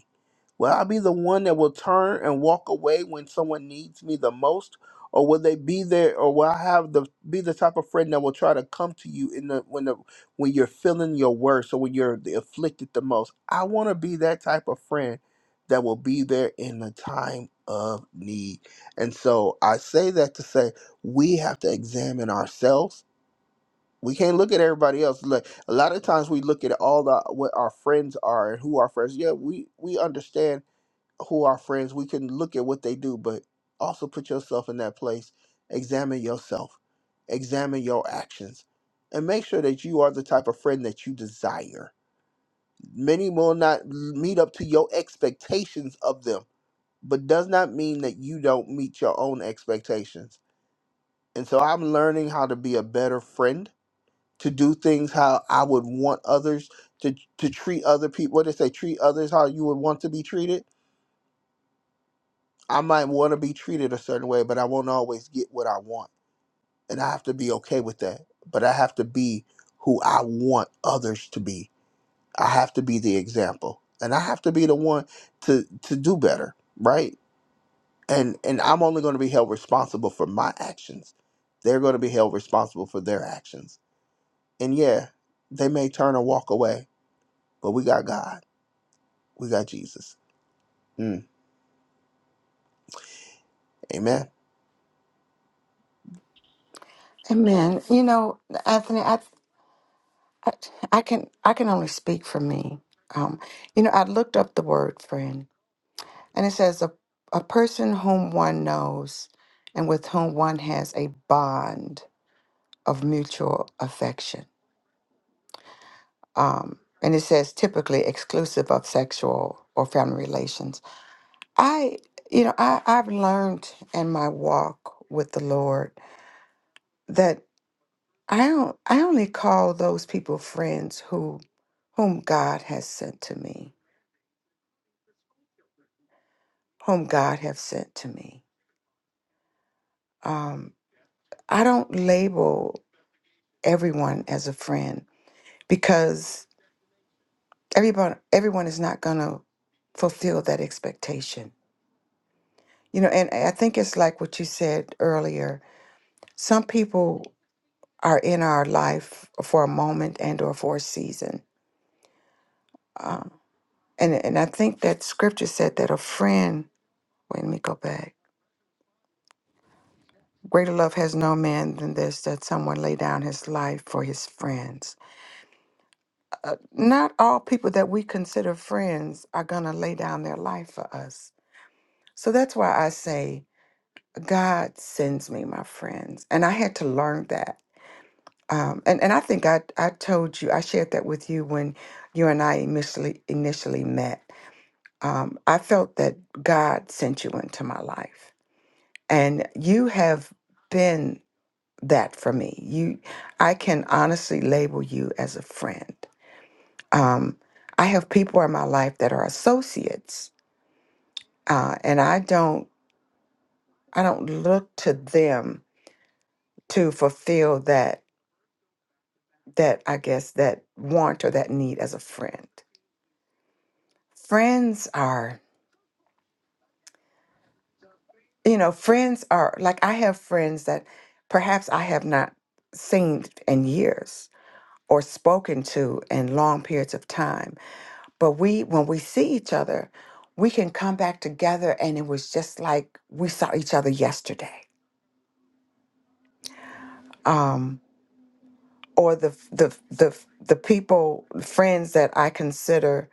Speaker 1: Will I be the one that will turn and walk away when someone needs me the most? Or will they be there or will I have the be the type of friend that will try to come to you in the when the when you're feeling your worst or when you're the afflicted the most? I want to be that type of friend that will be there in the time of need. And so I say that to say we have to examine ourselves. We can't look at everybody else. Look, a lot of times we look at all the what our friends are and who our friends. Yeah, we we understand who are friends, we can look at what they do, but also put yourself in that place. Examine yourself, examine your actions, and make sure that you are the type of friend that you desire. Many will not meet up to your expectations of them, but does not mean that you don't meet your own expectations. And so I'm learning how to be a better friend, to do things how I would want others to to treat other people. What they say, treat others how you would want to be treated I might want to be treated a certain way, but I won't always get what I want. And I have to be okay with that. But I have to be who I want others to be. I have to be the example. And I have to be the one to to do better, right? And and I'm only going to be held responsible for my actions. They're going to be held responsible for their actions. And yeah, they may turn or walk away, but we got God. We got Jesus. Mm, amen.
Speaker 3: Amen. You know, Anthony, I, I, I can I can only speak for me. Um, you know, I looked up the word friend, and it says a a person whom one knows and with whom one has a bond of mutual affection. Um, and it says typically exclusive of sexual or family relations. I, you know, I I've learned in my walk with the Lord that I don't I only call those people friends who whom God has sent to me, whom God has sent to me. Um, I don't label everyone as a friend because everyone everyone is not gonna fulfill that expectation. You know, and I think it's like what you said earlier. Some people are in our life for a moment and or for a season. Um, and and I think that scripture said that a friend. Wait, let me go back. Greater love has no man than this, that someone lay down his life for his friends. Uh, not all people that we consider friends are going to lay down their life for us. So that's why I say, God sends me my friends. And I had to learn that. Um, and, and I think I, I told you, I shared that with you when you and I initially, initially met. Um, I felt that God sent you into my life. And you have been that for me. You, I can honestly label you as a friend. Um, I have people in my life that are associates, uh, and I don't, I don't look to them to fulfill that, that I guess that want or that need as a friend. Friends are, you know, friends are like I have friends that perhaps I have not seen in years or spoken to in long periods of time But we, when we see each other, we can come back together, and it was just like we saw each other yesterday. Um, or the the the the people, friends that I consider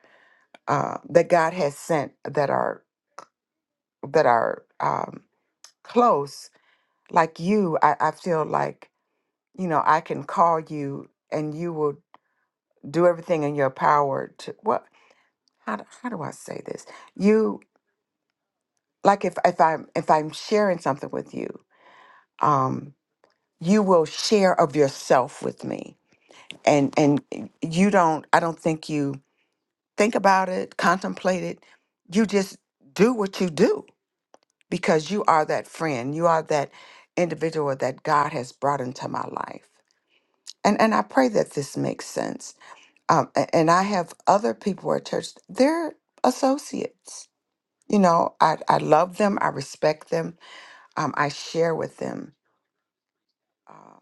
Speaker 3: uh, that God has sent that are that are um, close, like you. I, I feel like you know I can call you, and you will do everything in your power to what? How do, how do I say this? You like if if I'm if I'm sharing something with you. Um, you will share of yourself with me and and you don't i don't think you think about it contemplate it you just do what you do because you are that friend you are that individual that god has brought into my life and and i pray that this makes sense um, a- and i have other people at church they're associates you know i, I love them i respect them um, i share with them um,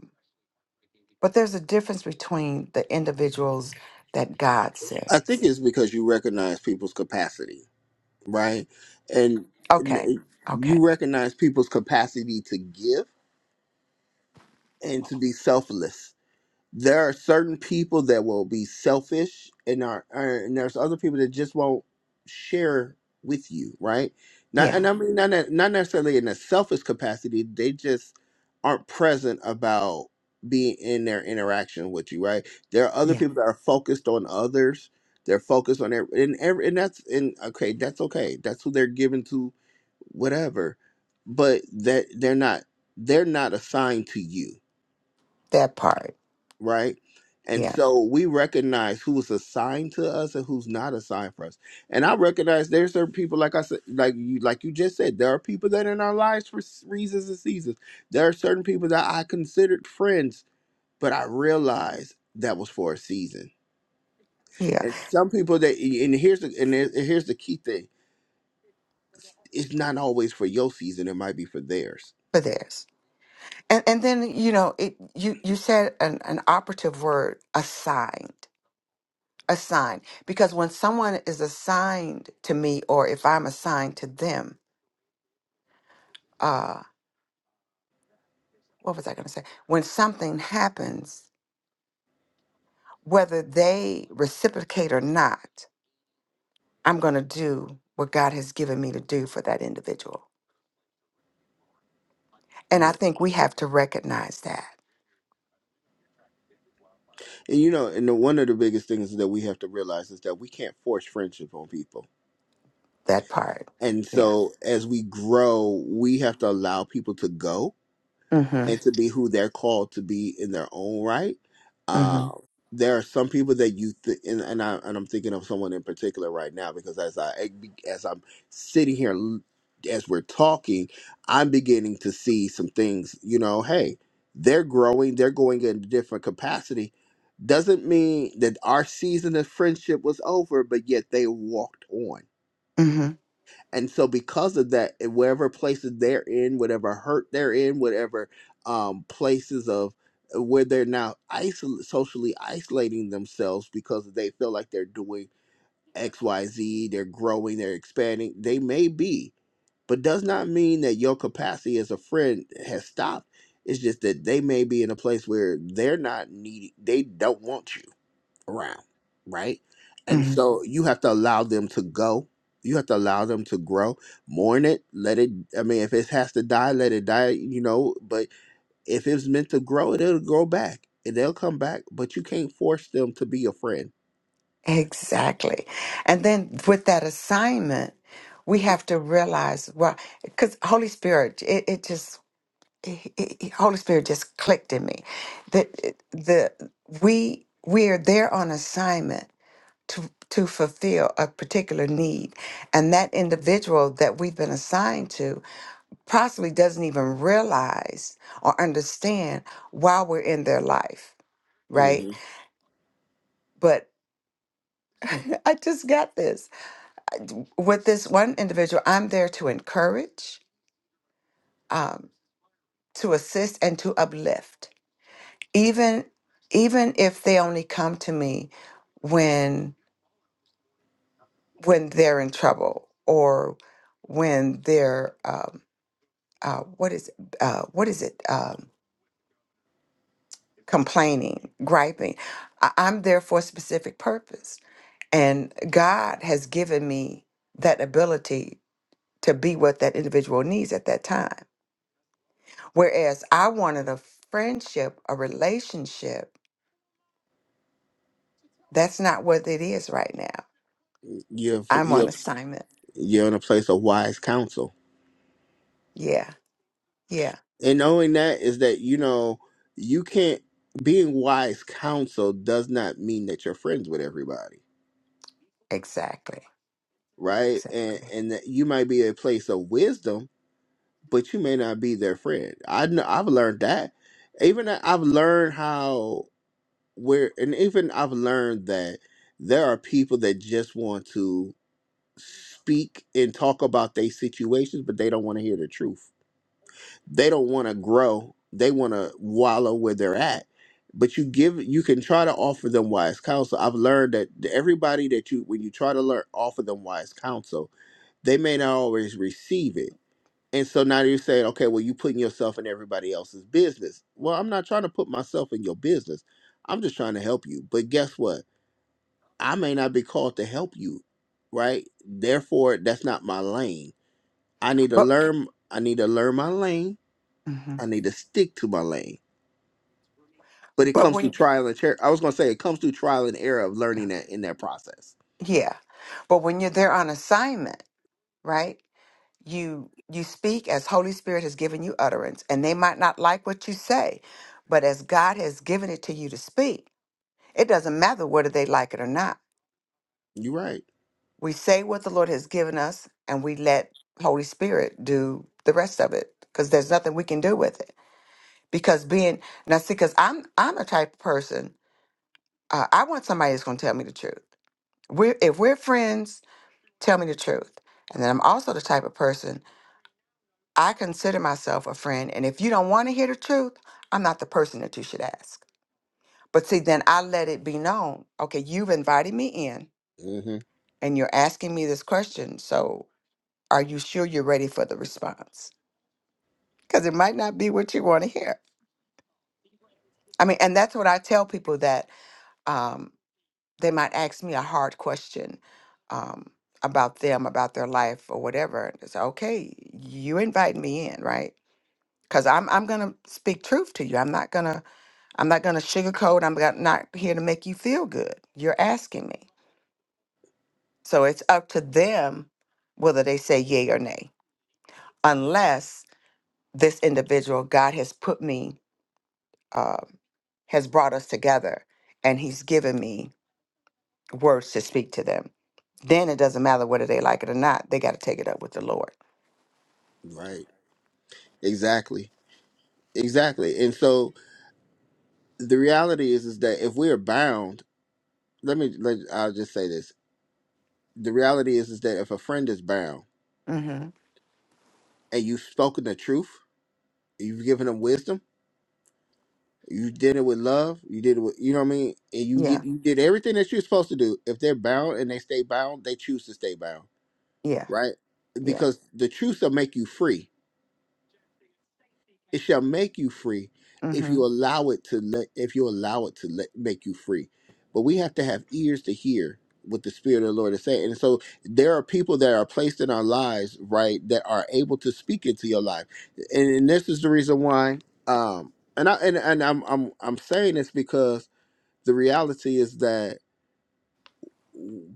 Speaker 3: But there's a difference between the individuals that God
Speaker 1: I think
Speaker 3: sends.
Speaker 1: it's because you recognize people's capacity. right? And
Speaker 3: Okay.
Speaker 1: n-
Speaker 3: Okay.
Speaker 1: you recognize people's capacity to give and to be selfless there are certain people that will be selfish and are are- and there's other people that just won't share with you right not
Speaker 3: Yeah.
Speaker 1: and i mean not, ne- not necessarily in a selfish capacity they just aren't present about being in their interaction with you right there are other
Speaker 3: Yeah.
Speaker 1: people that are focused on others they're focused on their and every and that's and okay that's okay that's who they're given to whatever but that they're not they're not assigned to you
Speaker 3: That part.
Speaker 1: right? And
Speaker 3: Yeah.
Speaker 1: so we recognize who is assigned to us and who's not assigned for us. And I recognize there's certain people, like I said, like you, like you just said, there are people that are in our lives for s- reasons and seasons. There are certain people that I considered friends, but I realized that was for a season.
Speaker 3: Yeah.
Speaker 1: And some people that, and here's the, and here- here's the key thing: it's not always for your season; it might be for theirs.
Speaker 3: But there's. And and then, you know, it you you said an, an operative word, assigned. Assigned. Because when someone is assigned to me or if I'm assigned to them, uh what was I gonna say? When something happens, whether they reciprocate or not, I'm gonna do what God has given me to do for that individual And I
Speaker 1: Yeah.
Speaker 3: think we have to recognize that,
Speaker 1: And you know, and the, one of the biggest things that we have to realize is that we can't force friendship on people
Speaker 3: that part.
Speaker 1: And
Speaker 3: Yeah.
Speaker 1: so as we grow, we have to allow people to go
Speaker 3: Mm-hmm.
Speaker 1: and to be who they're called to be in their own right.
Speaker 3: Mm-hmm.
Speaker 1: Uh, there are some people that you th- and, and I and I'm thinking of someone in particular right now because as I as I'm sitting here l- as we're talking, I'm beginning to see some things. You know, hey, they're growing, they're going in a different capacity. Doesn't mean that our season of friendship was over, but yet they walked on
Speaker 3: Mm-hmm.
Speaker 1: and so because of that and wherever places they're in whatever hurt they're in whatever um places of eh, where they're now isol- socially isolating themselves because they feel like they're doing xyz they're growing they're expanding they may be but does not mean that your capacity as a friend has stopped it's just that they may be in a place where they're not needing they don't want you around, right?
Speaker 3: mm
Speaker 1: And
Speaker 3: hmm
Speaker 1: so you have to allow them to go. You have to allow them to grow. Mourn it, let it. I mean, if it has to die, let it die. You know, but if it's meant to grow, it'll grow back, and they'll come back. But you can't force them to be your friend.
Speaker 3: Exactly. And then with that assignment, we have to realize, well, because Holy Spirit, it, it just, it, it- Holy Spirit just clicked in me that it- the we we are there on assignment to to fulfill a particular need, and that individual that we've been assigned to possibly doesn't even realize or understand while we're in their life, right?
Speaker 1: hmm
Speaker 3: But I just got this. With this one individual, I'm there to encourage, um, to assist, and to uplift. Even even if they only come to me when when they're in trouble or when they're um, uh, what is it? Uh, what is it? Um, complaining, griping. I- I'm there for a specific purpose And God has given me that ability to be what that individual needs at that time. Whereas I wanted a friendship, a relationship. That's not what it is right now.
Speaker 1: You're
Speaker 3: I'm on
Speaker 1: you're
Speaker 3: assignment.
Speaker 1: you're in a place of wise counsel.
Speaker 3: Yeah. Yeah.
Speaker 1: and knowing that is that you know you can't being wise counsel does not mean that you're friends with everybody
Speaker 3: Exactly.
Speaker 1: right and
Speaker 3: Exactly.
Speaker 1: and that you might be a place of wisdom but you may not be their friend i know i've learned that even I- i've learned how where and even i've learned that there are people that just want to speak and talk about their situations but they don't want to hear the truth they don't want to grow they want to wallow where they're at but you give you can try to offer them wise counsel i've learned that everybody that you when you try to learn offer them wise counsel they may not always receive it and so now you're saying okay well you putting yourself in everybody else's business well i'm not trying to put myself in your business i'm just trying to help you but guess what i may not be called to help you right therefore that's not my lane i need to
Speaker 3: But
Speaker 1: learn i need to learn my lane
Speaker 3: mhm.
Speaker 1: I need to stick to my lane. But it
Speaker 3: but
Speaker 1: comes through
Speaker 3: when
Speaker 1: trial and error. I was gonna say it comes through trial and error of learning that in that process.
Speaker 3: yeah. But when you're there on assignment, right? You you speak as Holy Spirit has given you utterance and they might not like what you say, but as God has given it to you to speak, It doesn't matter whether they like it or not.
Speaker 1: You're right.
Speaker 3: We say what the Lord has given us and we let Holy Spirit do the rest of it because there's nothing we can do with it. Because being now, see, because I'm I'm a type of person. Uh, I want somebody that's going to tell me the truth. We're if we're friends, tell me the truth. And then I'm also the type of person I consider myself a friend. And if you don't want to hear the truth, I'm not the person that you should ask. But see, then I let it be known. Okay, you've invited me in
Speaker 1: hmm
Speaker 3: and you're asking me this question. So Are you sure you're ready for the response? Because it might not be what you want to hear. I mean, and that's what I tell people that um, they might ask me a hard question um, about them, about their life, or whatever. And It's okay. You invite me in, right? Because I'm I'm gonna speak truth to you. I'm not gonna I'm not gonna sugarcoat. I'm not not here to make you feel good. You're asking me, so it's up to them whether they say yay or nay. Unless this individual, God has put me um, has brought us together and he's given me words to speak to them then it doesn't matter whether they like it or not they got to take it up with the lord
Speaker 1: Right. Exactly. Exactly. And so the reality is, is that if we are bound, let me. Let, I'll just say this. The reality is, is that if a friend is bound
Speaker 3: hmm
Speaker 1: and you've spoken the truth, you've given them wisdom, you did it with love, you did it with, you know what I mean, and you
Speaker 3: yeah
Speaker 1: get you did everything that you're supposed to do. If they're bound and they stay bound, they choose to stay bound
Speaker 3: yeah
Speaker 1: right?
Speaker 3: yeah
Speaker 1: Because the truth shall make you free. It shall make you free if
Speaker 3: hmm
Speaker 1: you allow it to let if you allow it to let, make you free. But we have to have ears to hear what the Spirit of the Lord is saying. And so there are people that are placed in our lives, right, that are able to speak into your life. And, and this is the reason why um and I and, and I'm I'm I'm saying this because the reality is that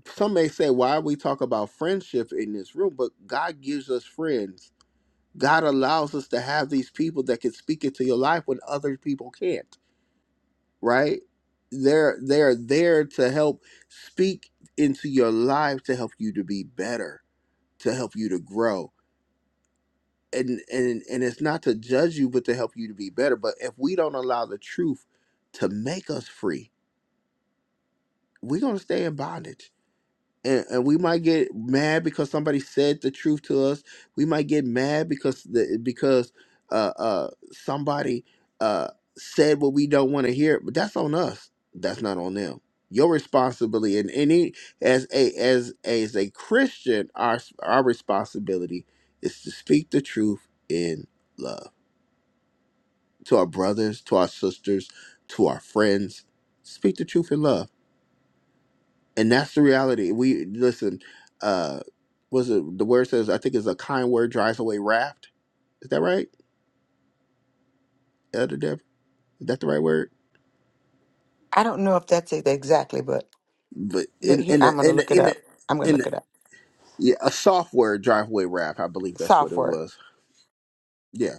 Speaker 1: some may say why we talk about friendship in this room, but God gives us friends God allows us to have these people that can speak into your life when other people can't, right? They're they're there to help speak into your life to help you to be better, to help you to grow. And and and it's not to judge you, but to help you to be better. But if we don't allow the truth to make us free, we're gonna stay in bondage and, and we might get mad because somebody said the truth to us. We might get mad because the, because uh, uh, somebody uh, said what we don't want to hear. But that's on us. That's not on them. Your responsibility, and any as a as as a Christian, our our responsibility is to speak the truth in love to our brothers, to our sisters, to our friends. Speak the truth in love and that's the reality. We listen. Uh, was it the word says? I think it's a kind word drives away raft. Is that right, Elder Dev? Is that the right word?
Speaker 3: i don't know if that's it exactly but
Speaker 1: But
Speaker 3: look
Speaker 1: in
Speaker 3: here
Speaker 1: in the
Speaker 3: i'm gonna
Speaker 1: in
Speaker 3: look
Speaker 1: the
Speaker 3: it
Speaker 1: in the,
Speaker 3: up i'm gonna
Speaker 1: in the
Speaker 3: look it up
Speaker 1: yeah, a soft word drive away raft. I believe that's what
Speaker 3: soft
Speaker 1: it
Speaker 3: word
Speaker 1: was. Yeah.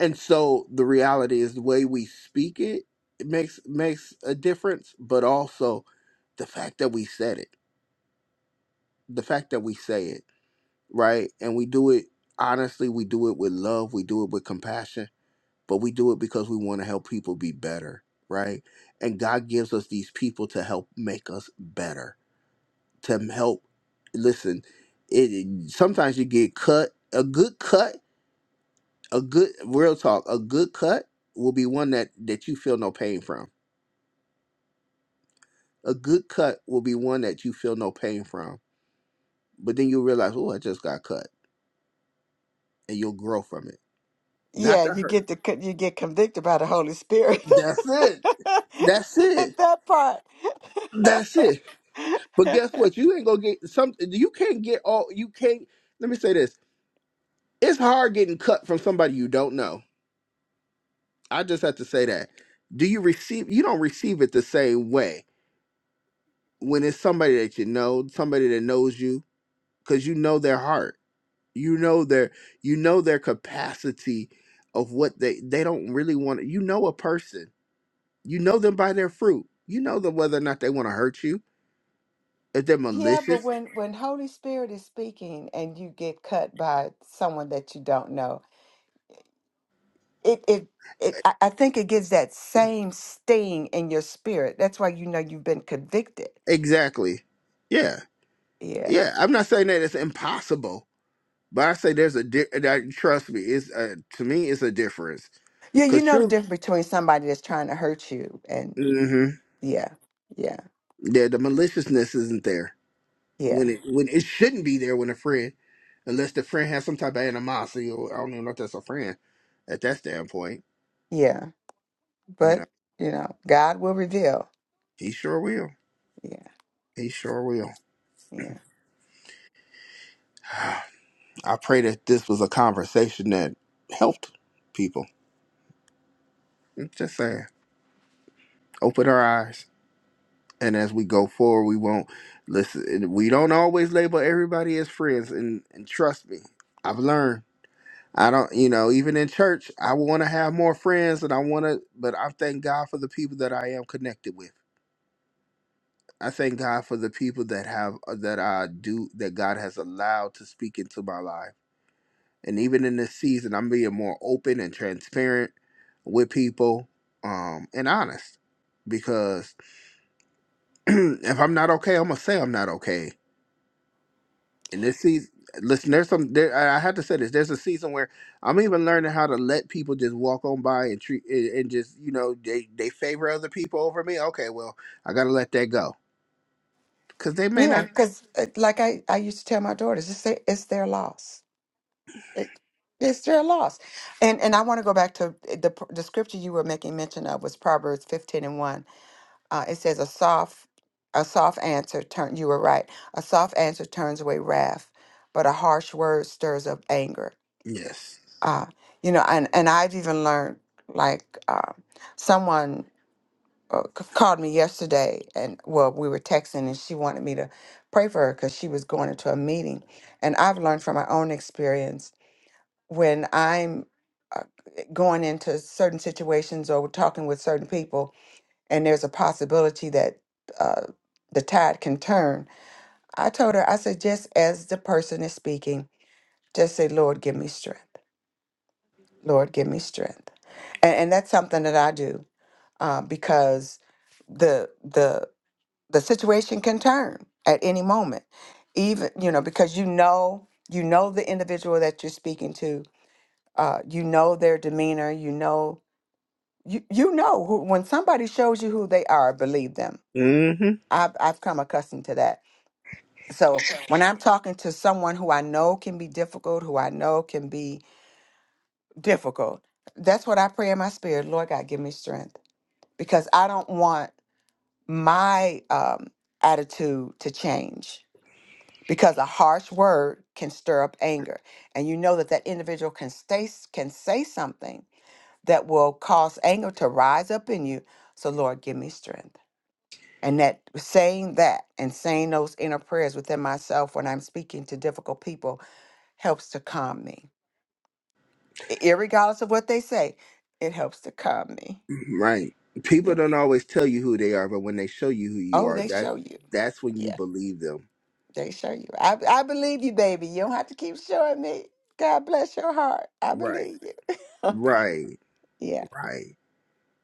Speaker 1: And so the reality is the way we speak it, it makes makes a difference, but also the fact that we said it, the fact that we say it, right, and we do it honestly. We do it with love. We do it with compassion but we do it because we want to help people be better, right? And God gives us these people to help make us better, to help. Listen, it sometimes you get cut. A good cut, a good real talk, a good cut will be one that that you feel no pain from. A good cut will be one that you feel no pain from, but then you realize, oh, I just got cut, and you'll grow from it. Not
Speaker 3: yeah
Speaker 1: to
Speaker 3: you
Speaker 1: hurt.
Speaker 3: get the co- you get convicted by the holy spirit
Speaker 1: That's it. That's it.
Speaker 3: that part
Speaker 1: That's it. But guess what? You ain't gonna get some. You can't get all. You can't. Let me say this: It's hard getting cut from somebody you don't know. I just have to say that. Do you receive? You don't receive it the same way when it's somebody that you know, somebody that knows you, because you know their heart. You know their. You know their capacity of what they they don't really want. You know a person. You know them by their fruit. You know them whether or not they want to hurt you. If they're
Speaker 3: Yeah, but
Speaker 1: malicious.
Speaker 3: when when Holy Spirit is speaking and you get cut by someone that you don't know, it it it I I think it gives that same sting in your spirit. That's why you know you've been convicted.
Speaker 1: Exactly. Yeah.
Speaker 3: Yeah.
Speaker 1: Yeah, I'm not saying that it's impossible, but I say there's a di- that, trust me. It's uh, to me, it's a difference
Speaker 3: Yeah, you
Speaker 1: because
Speaker 3: know the
Speaker 1: true.
Speaker 3: difference between somebody that's trying to hurt you and
Speaker 1: hmm
Speaker 3: yeah, yeah,
Speaker 1: Yeah, the maliciousness isn't there
Speaker 3: yeah,
Speaker 1: when it when it shouldn't be there when a friend, unless the friend has some type of animosity. Or I don't even know if that's a friend at that standpoint.
Speaker 3: yeah.
Speaker 1: You know,
Speaker 3: But, you know, God will reveal.
Speaker 1: he sure will.
Speaker 3: Yeah,
Speaker 1: He sure will.
Speaker 3: yeah.
Speaker 1: I pray that this was a conversation that helped people. I'm just saying, open our eyes. and as we go forward we won't listen and we don't always label everybody as friends and, and trust me i've learned i don't you know even in church i want to have more friends and i want to but i thank god for the people that i am connected with i thank god for the people that have uh, that i do that god has allowed to speak into my life and even in this season i'm being more open and transparent with people um and honest because if i'm not okay i'm gonna say i'm not okay and this season listen there's some there i I have to say this there's a season where i'm even learning how to let people just walk on by and treat and and just you know they they favor other people over me okay well i gotta let that go because they may
Speaker 3: Yeah,
Speaker 1: not
Speaker 3: because like I, I used to tell my daughters, it's their, it's their loss it, it's their loss. And and I want to go back to eh, the the scripture you were making mention of was Proverbs fifteen and one. Uh, it says a soft a soft answer turn. You were right. A soft answer turns away wrath, but a harsh word stirs up anger.
Speaker 1: yes
Speaker 3: Uh, you know, and and I've even learned like uh, someone. Uh, c- called me yesterday and well we were texting and she wanted me to pray for her because she was going into a meeting and i've learned from my own experience when I'm uh, going into certain situations or talking with certain people, and there's a possibility that uh, the tide can turn, I told her, I said, just as the person is speaking, just say, Lord, give me strength. Lord, give me strength. And, and that's something that I do uh, because the the the situation can turn at any moment even you know because you know you know the individual that you're speaking to uh, you know their demeanor you know you you know who when somebody shows you who they are believe them
Speaker 1: mm hmm
Speaker 3: i've i've come accustomed to that so when i'm talking to someone who i know can be difficult who i know can be difficult that's what i pray in my spirit lord god give me strength because i don't want my um attitude to change because a harsh word can stir up anger and you know that that individual can stay can say something that will cause anger to rise up in you so lord give me strength And that saying that and saying those inner prayers within myself when I'm speaking to difficult people helps to calm me. I- Irregardless of what they say, it helps to calm me.
Speaker 1: right people
Speaker 3: Yeah.
Speaker 1: don't always tell you who they are but when they show you who you
Speaker 3: Oh,
Speaker 1: are
Speaker 3: they
Speaker 1: that
Speaker 3: show you.
Speaker 1: that's when you
Speaker 3: Yeah,
Speaker 1: believe them
Speaker 3: they show you. I, I believe you, baby. You don't have to keep showing me. God bless your heart. I
Speaker 1: right
Speaker 3: believe you.
Speaker 1: right
Speaker 3: yeah,
Speaker 1: right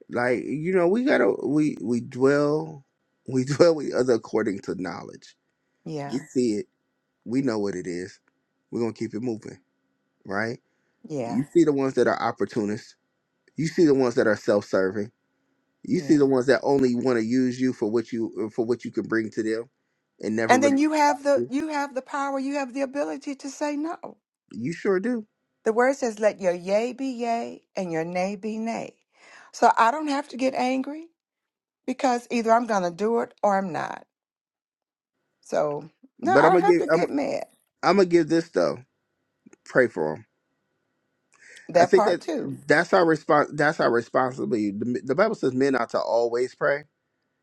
Speaker 1: like you know we gotta we we dwell we dwell with other according to knowledge
Speaker 3: yeah,
Speaker 1: you see it We know what it is. We're gonna keep it moving, right?
Speaker 3: yeah,
Speaker 1: You see the ones that are opportunists. You see the ones that are self-serving. You see
Speaker 3: yeah.
Speaker 1: the ones that only want to use you for what you uh, for what you can bring to them, and never
Speaker 3: And
Speaker 1: really
Speaker 3: then you
Speaker 1: supply
Speaker 3: have the
Speaker 1: you.
Speaker 3: you have the power, you have the ability to say no.
Speaker 1: You sure do.
Speaker 3: The word says, let your yea be yea and your nay be nay. So I don't have to get angry because either I'm going to do it or I'm not. So no, I
Speaker 1: But I'm
Speaker 3: don't
Speaker 1: gonna
Speaker 3: have
Speaker 1: give
Speaker 3: to
Speaker 1: I'm
Speaker 3: get mad.
Speaker 1: I'm gonna give this though. Pray for them. I
Speaker 3: That
Speaker 1: think
Speaker 3: part
Speaker 1: that
Speaker 3: too.
Speaker 1: that's our response. That's our responsibility. The, the Bible says men ought to always pray.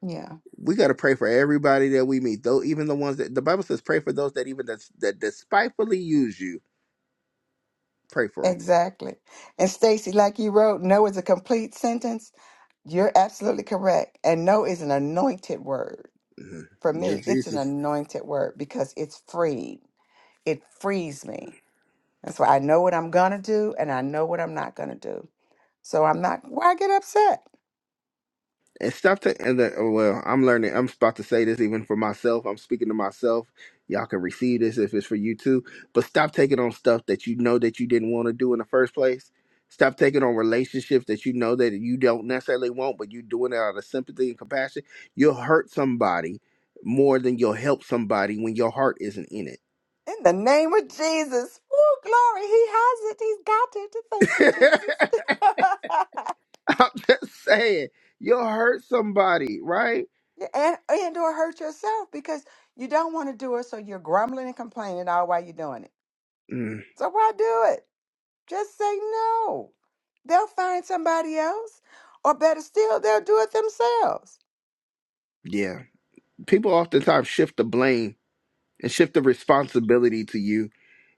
Speaker 3: Yeah,
Speaker 1: We got to pray for everybody that we meet, though even the ones that the Bible says pray for those that even that, that despitefully use you. Pray for them
Speaker 3: exactly. And Stacy, like you wrote, no is a complete sentence. You're absolutely correct. And no is an anointed word.
Speaker 1: Mhm.
Speaker 3: For
Speaker 1: Lord
Speaker 3: me, it's an
Speaker 1: Jesus.
Speaker 3: anointed word because it's freed. It frees me. That's why I know what I'm going to do and I know what I'm not going to do. So I'm not, why get upset?
Speaker 1: And stop to and the, oh, well, I'm learning. I'm about to say this even for myself. I'm speaking to myself. Y'all can receive this if it's for you too. But stop taking on stuff that you know that you didn't want to do in the first place. Stop taking on relationships that you know that you don't necessarily want, but you're doing it out of sympathy and compassion. You'll hurt somebody more than you'll help somebody when your heart isn't in it.
Speaker 3: In the name of Jesus. Oh, glory. He has it. He's got it. Thank you, Jesus.
Speaker 1: I'm just saying, you'll hurt somebody, right?
Speaker 3: Yeah, and, and or hurt yourself because you don't want to do it. So you're grumbling and complaining all while you're doing it.
Speaker 1: Mm,
Speaker 3: So why do it? Just say no. They'll find somebody else. Or better still, they'll do it themselves.
Speaker 1: yeah. people oftentimes shift the blame and shift the responsibility to you.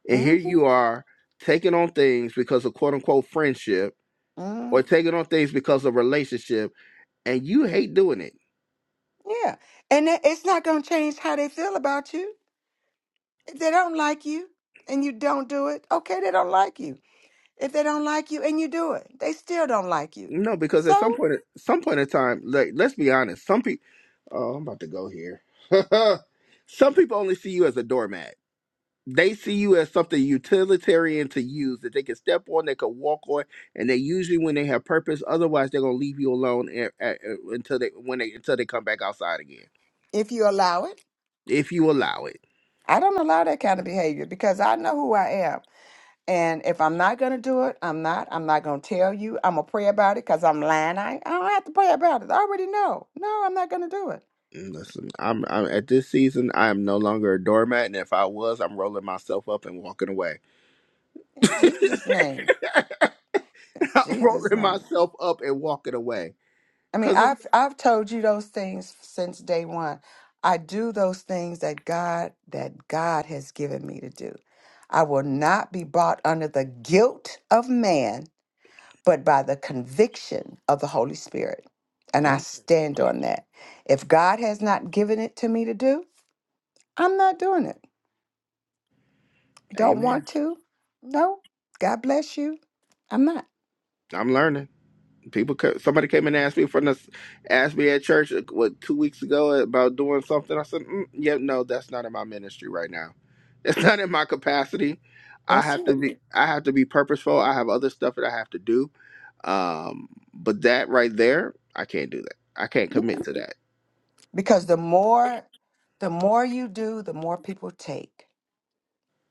Speaker 1: And
Speaker 3: hmm
Speaker 1: here you are taking on things because of quote unquote friendship
Speaker 3: hmm
Speaker 1: or taking on things because of relationship and you hate doing it.
Speaker 3: Yeah. And it- it's not going to change how they feel about you. If they don't like you and you don't do it, okay, they don't like you if they don't like you and you do it they still don't like you
Speaker 1: No, because at some
Speaker 3: so
Speaker 1: point some point in time, like let's be honest, some people oh, I'm about to go here. some people only see you as a doormat they see you as something utilitarian to use that they can step on, they can walk on, and they usually when they have purpose. Otherwise, they're gonna leave you alone a- a- a- until they when they until they come back outside again,
Speaker 3: if you allow it
Speaker 1: if you allow it.
Speaker 3: i don't allow that kind of behavior because i know who i am and if i'm not going to do it i'm not i'm not going to tell you i'm going to pray about it because i'm lying I, ain't- I don't have to pray about it i already know no i'm not going to do it
Speaker 1: And Listen, I'm, I'm at this season. I am no longer a doormat, and if I was, I'm rolling myself up and walking away.
Speaker 3: in jesus name in
Speaker 1: I'm
Speaker 3: jesus
Speaker 1: rolling
Speaker 3: name
Speaker 1: myself up and walking away.
Speaker 3: I mean,
Speaker 1: Cause it's,
Speaker 3: I've I've told you those things since day one. I do those things that God that God has given me to do. I will not be brought under the guilt of man, but by the conviction of the Holy Spirit. And I
Speaker 1: amen.
Speaker 3: stand on that. If God has not given it to me to do, I'm not doing it. Don't want
Speaker 1: amen.
Speaker 3: to? No. God bless you. I'm not.
Speaker 1: I'm learning. People, somebody came and asked me from the, asked me at church uh, what two weeks ago about doing something. I said, mm, yeah, no, that's not in my ministry right now. It's not in my capacity. I
Speaker 3: That's
Speaker 1: have to
Speaker 3: it.
Speaker 1: be, I have to be purposeful. I have other stuff that I have to do. Um, but that right there, I can't do that. I can't
Speaker 3: Yeah.
Speaker 1: commit to that
Speaker 3: Because the more the more you do, the more people take.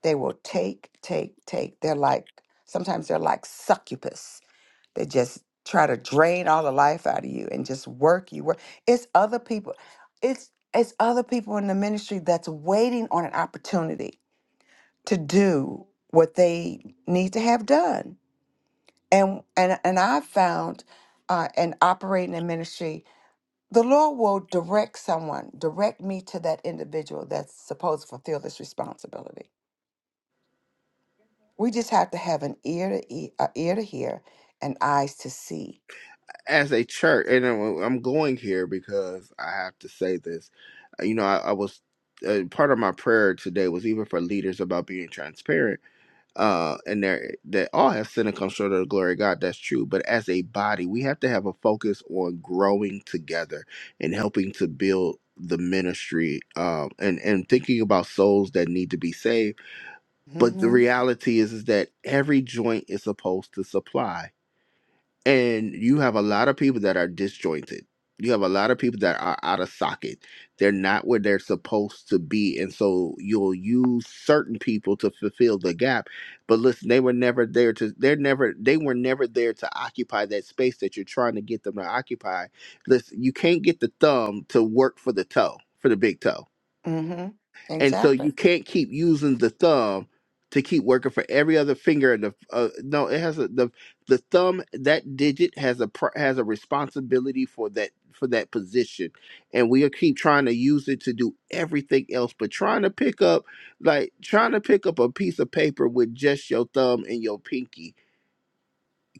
Speaker 3: They will take, take, take. They're like, sometimes they're like succubus. They just try to drain all the life out of you and just work you. Work. It's other people. It's it's other people in the ministry that's waiting on an opportunity to do what they need to have done. And and and I've found uh, and operating in ministry, the Lord will direct someone, direct me to that individual that's supposed to fulfill this responsibility We just have to have an ear to ear, uh, ear to hear, and eyes to see.
Speaker 1: as a church. And I'm I'm going here because I have to say this. You know, I, I was uh, part of my prayer today was even for leaders about being transparent uh, and there that all have sinned and come short of the glory of God. That's true. But as a body, we have to have a focus on growing together and helping to build the ministry um, and and thinking about souls that need to be saved. But the
Speaker 3: Mm-hmm.
Speaker 1: reality is is that every joint is supposed to supply and you have a lot of people that are disjointed. You have a lot of people that are out of socket. They're not where they're supposed to be. And so you'll use certain people to fulfill the gap. But listen, they were never there to they're never they were never there to occupy that space that you're trying to get them to occupy. Listen, you can't get the thumb to work for the toe, for the big toe
Speaker 3: Mm-hmm.
Speaker 1: and so
Speaker 3: Exactly.
Speaker 1: you can't keep using the thumb to keep working for every other finger in the uh, no it has a the the thumb that digit has a pr- has a responsibility for that for that position and we keep trying to use it to do everything else but trying to pick up like trying to pick up a piece of paper with just your thumb and your pinky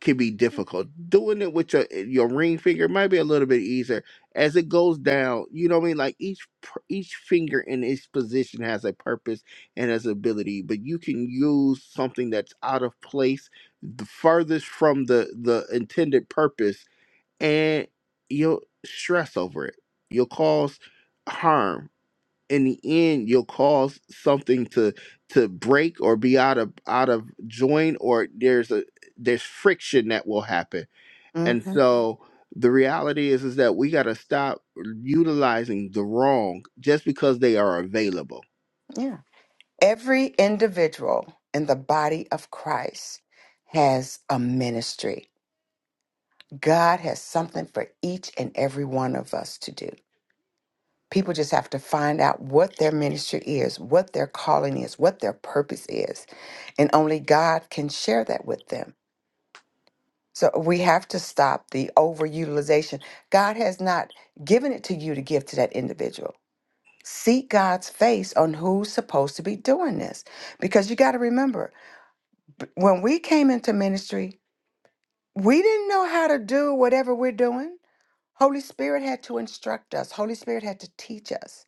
Speaker 1: can be difficult. Doing it with your eh, your ring finger might be a little bit easier. As it goes down, you know what I mean. Like each pr- each finger in its position has a purpose and has ability, but you can use something that's out of place, the furthest from the the intended purpose, and you'll stress over it. You'll cause harm in the end you'll cause something to to break or be out of out of joint or there's a there's friction that will happen and
Speaker 3: Mm-hmm.
Speaker 1: so the reality is is that we got to stop utilizing the wrong just because they are available
Speaker 3: Yeah. Every individual in the body of Christ has a ministry. God has something for each and every one of us to do. People just have to find out what their ministry is, what their calling is, what their purpose is. And only God can share that with them. So we have to stop the overutilization. God has not given it to you to give to that individual. Seek God's face on who's supposed to be doing this. Because you got to remember, b- when we came into ministry, we didn't know how to do whatever we're doing Holy Spirit had to instruct us, Holy Spirit had to teach us.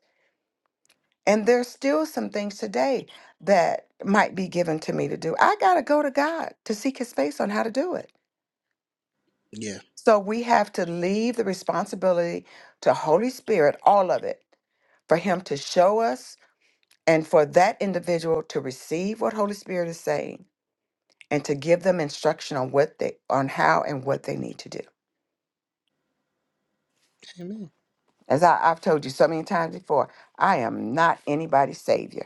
Speaker 3: And there's still some things today that might be given to me to do. I got to go to God to seek his face on how to do it.
Speaker 1: yeah
Speaker 3: So we have to leave the responsibility to Holy Spirit, all of it, for him to show us and for that individual to receive what Holy Spirit is saying and to give them instruction on what they on how and what they need to do.
Speaker 1: amen
Speaker 3: As I, I've told you so many times before, I am not anybody's savior.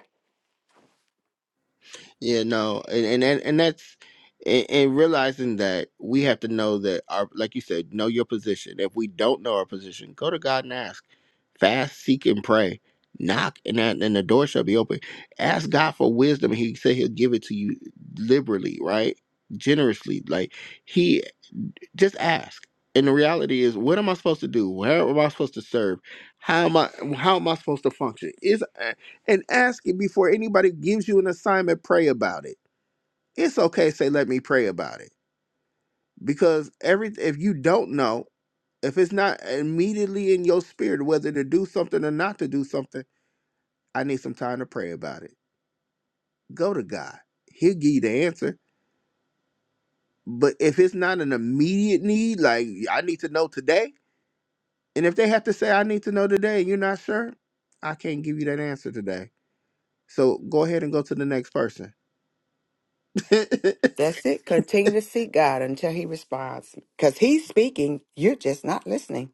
Speaker 1: yeah no and and and, and that's and and realizing that we have to know that our like you said know your position if we don't know our position go to god and ask Fast, seek, and pray. Knock, and, that, and the door shall be open. Ask God for wisdom. and He said He'll give it to you liberally, right? Generously. Like, He just ask. And the reality is, what am I supposed to do? Where am I supposed to serve? How am I? How am I supposed to function? Is and ask it before anybody gives you an assignment. Pray about it. It's okay. Say, let me pray about it because every if you don't know, if it's not immediately in your spirit whether to do something or not to do something I need some time to pray about it. Go to God. He'll give you the answer. But if it's not an immediate need, like I need to know today, and if they have to say, I need to know today, and you're not sure, I can't give you that answer today. So go ahead and go to the next person.
Speaker 3: That's it. Continue to seek God until He responds. Because He's speaking, you're just not listening.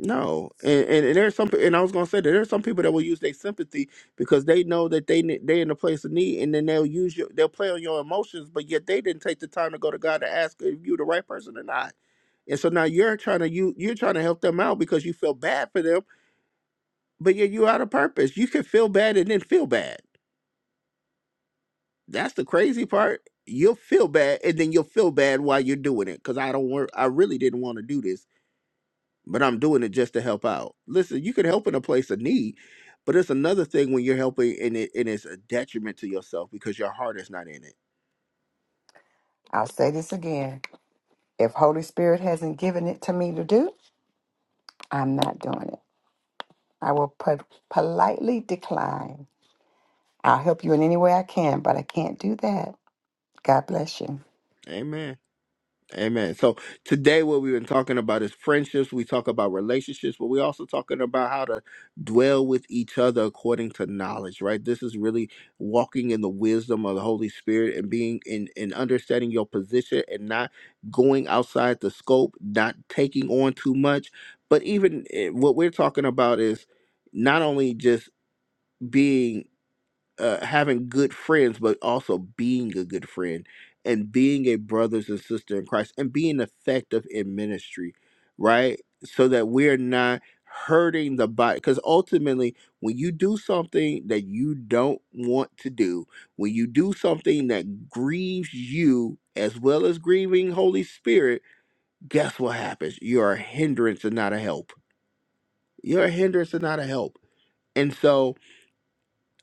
Speaker 1: No, and, and and there's some, and I was gonna say that there's some people that will use their sympathy because they know that they ne- they in a place of need, and then they'll use your they'll play on your emotions, but yet they didn't take the time to go to God to ask if you the right person or not, and so now you're trying to you you're trying to help them out because you feel bad for them, but yet you out of purpose. You can feel bad and then feel bad. That's the crazy part. You'll feel bad and then you'll feel bad while you're doing it because I don't want I really didn't want to do this but I'm doing it just to help out. Listen, you can help in a place of need, but it's another thing when you're helping and it and it's a detriment to yourself because your heart is not in it.
Speaker 3: I'll say this again. If Holy Spirit hasn't given it to me to do, I'm not doing it. I will po- politely decline. I'll help you in any way I can, but I can't do that. God bless you.
Speaker 1: Amen. Amen. So today, what we've been talking about is friendships. We talk about relationships, but we're also talking about how to dwell with each other according to knowledge, right? This is really walking in the wisdom of the Holy Spirit and being in, in understanding your position and not going outside the scope, not taking on too much. But even eh, what we're talking about is not only just being uh, having good friends, but also being a good friend and being a brothers and sister in Christ and being effective in ministry, right? So that we're not hurting the body. Because ultimately, when you do something that you don't want to do, when you do something that grieves you as well as grieving Holy Spirit, guess what happens? You're a hindrance and not a help. You're a hindrance and not a help. And so,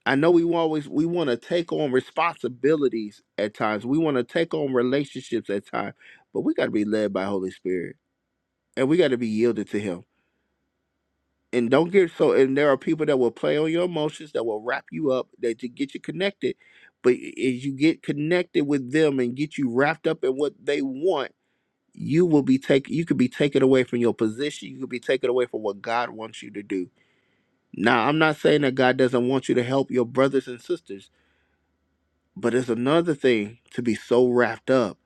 Speaker 1: I know we always we want to take on responsibilities at times. We want to take on relationships at times, but we got to be led by Holy Spirit and we got to be yielded to Him. And don't get so. And there are people that will play on your emotions, that will wrap you up, that to get you connected. But as you get connected with them and get you wrapped up in what they want, you will be taken. You could be taken away from your position. You could be taken away from what God wants you to do. Now, I'm not saying that God doesn't want you to help your brothers and sisters. But it's another thing to be so wrapped up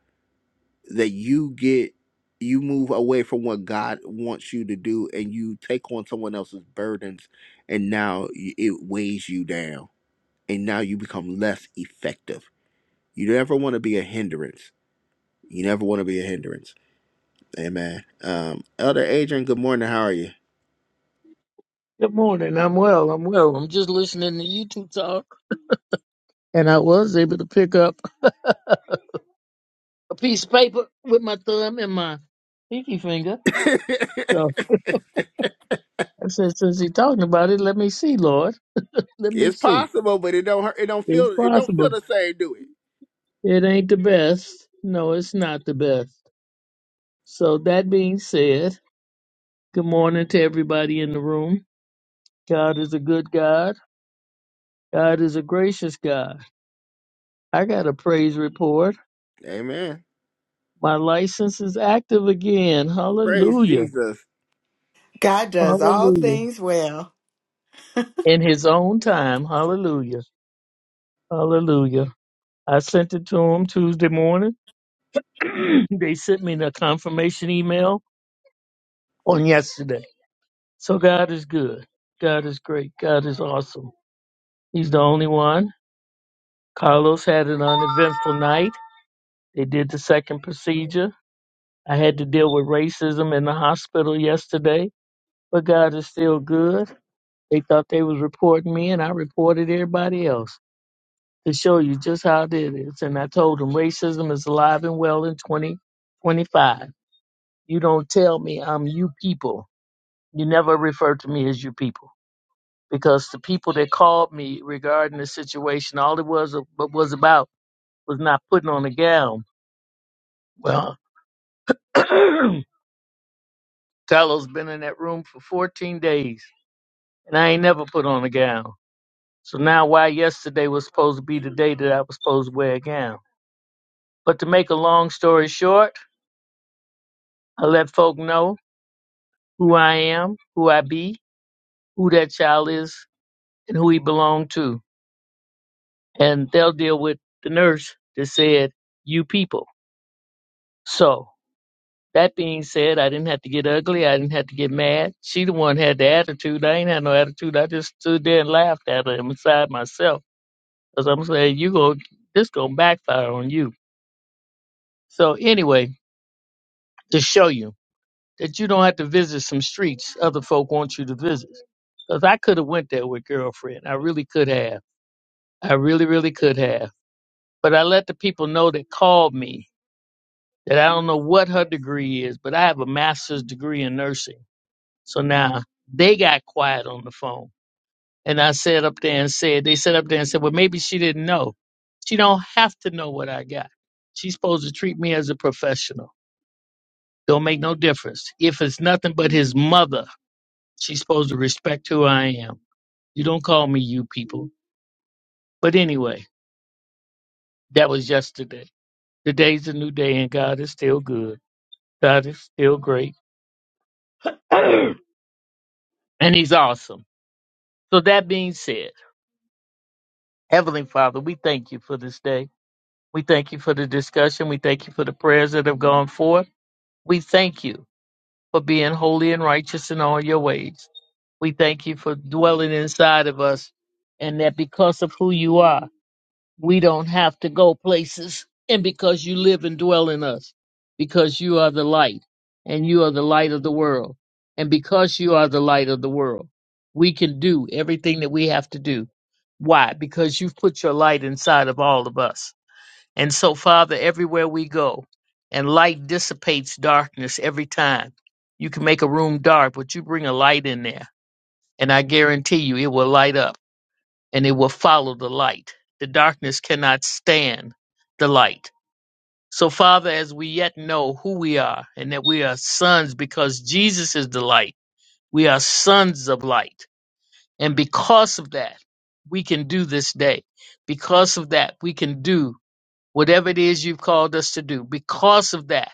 Speaker 1: that you get you move away from what God wants you to do and you take on someone else's burdens and now y- it weighs you down and now you become less effective. You never want to be a hindrance. You never want to be a hindrance. Amen. Um, Elder Adrian, good morning. How are you?
Speaker 4: Good morning. I'm well. I'm well. I'm just listening to you two talk, and I was able to pick up a piece of paper with my thumb and my pinky finger. So I said, since he's talking about it, let me see, Lord. Let me
Speaker 1: It's
Speaker 4: see.
Speaker 1: possible, but it don't hurt. It don't
Speaker 4: It's
Speaker 1: feel. It don't feel
Speaker 4: possible.
Speaker 1: the same, do it?
Speaker 4: It ain't the best. No, it's not the best. So that being said, good morning to everybody in the room. God is a good God. God is a gracious God. I got a praise report.
Speaker 1: Amen.
Speaker 4: My license is active again.
Speaker 1: Praise
Speaker 4: Hallelujah.
Speaker 1: Jesus.
Speaker 3: God does all
Speaker 4: Hallelujah.
Speaker 3: things well.
Speaker 4: In his own time. Hallelujah. Hallelujah. I sent it to him Tuesday morning. they sent me a confirmation email on yesterday. So God is good. God is great. God is awesome. He's the only one. Carlos had an uneventful night. They did the second procedure. I had to deal with racism in the hospital yesterday, but God is still good. They thought they was reporting me and I reported everybody else. to show you just how it is. And I told him racism is alive and well in 2025. You don't tell me I'm you people. You never refer to me as you people because the people that called me regarding the situation, all it was what was about was not putting on a gown. Well, Carlo's been in that room for 14 days and I ain't never put on a gown. So now why yesterday was supposed to be the day that I was supposed to wear a gown. But to make a long story short, I let folk know who I am, who I be, who that child is, and who he belong to. And they'll deal with the nurse that said, you people. So that being said, I didn't have to get ugly. I didn't have to get mad. She the one had the attitude. I ain't had no attitude. I just stood there and laughed at her inside myself. Cause I'm saying, you go, this gonna backfire on you. So anyway, to show you that you don't have to visit some streets other folk want you to visit. Cause I could have went there with girlfriend. I really could have I really, really could have. But I let the people know that called me that I don't know what her degree is, but I have a master's degree in nursing. So now they got quiet on the phone. And I sat up there and said, they sat up there and said, well, maybe she didn't know. She don't have to know what I got. She's supposed to treat me as a professional. Don't make no difference. If it's nothing but his mother, she's supposed to respect who I am. You don't call me you people. But anyway, that was yesterday. Today's a new day, and God is still good. God is still great, and He's awesome. So, that being said, Heavenly Father, we thank you for this day. We thank you for the discussion. We thank you for the prayers that have gone forth. We thank you for being holy and righteous in all your ways. We thank you for dwelling inside of us, and that because of who you are. we don't have to go places. And because you live and dwell in us, because you are the light and you are the light of the world. And because you are the light of the world, we can do everything that we have to do. Why? Because you've put your light inside of all of us. And so, Father, everywhere we go, and light dissipates darkness every time. You can make a room dark, but you bring a light in there, and I guarantee you it will light up and it will follow the light. The darkness cannot stand the light. So, Father, as we yet know who we are and that we are sons because Jesus is the light, we are sons of light. And because of that, we can do this day. Because of that, we can do whatever it is you've called us to do. Because of that,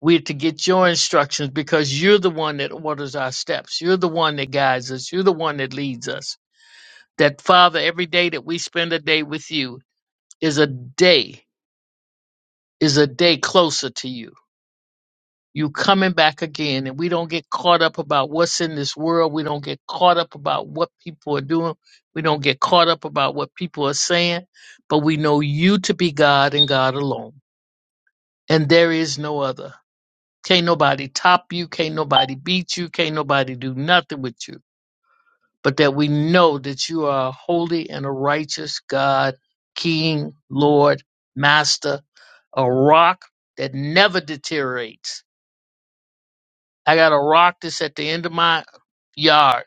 Speaker 4: we're to get your instructions because you're the one that orders our steps. You're the one that guides us. You're the one that leads us. That, Father, every day that we spend a day with you, is a day is a day closer to you you coming back again and we don't get caught up about what's in this world we don't get caught up about what people are doing we don't get caught up about what people are saying but we know you to be god and god alone and there is no other can't nobody top you can't nobody beat you can't nobody do nothing with you but that we know that you are a holy and a righteous God, King, Lord, Master, a rock that never deteriorates. I got a rock that's at the end of my yard,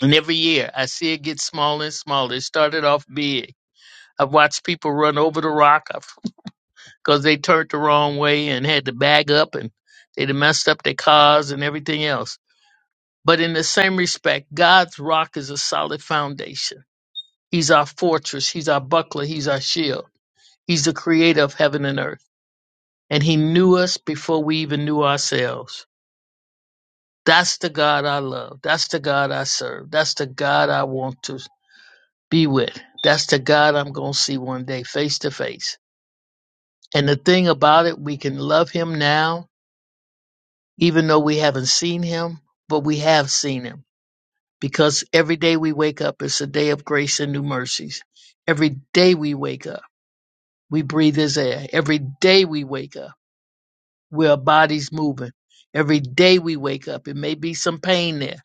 Speaker 4: and every year I see it get smaller and smaller. It started off big. I've watched people run over the rock because they turned the wrong way and had to bag up and they done messed up their cars and everything else. But in the same respect, God's rock is a solid foundation He's our fortress. He's our buckler. He's our shield. He's the creator of heaven and earth. And he knew us before we even knew ourselves. That's the God I love. That's the God I serve. That's the God I want to be with. That's the God I'm going to see one day face to face. And the thing about it, we can love him now, even though we haven't seen him, but we have seen him because every day we wake up, it's a day of grace and new mercies. Every day we wake up. We breathe his air. Every day we wake up, we our bodies moving. Every day we wake up, it may be some pain there.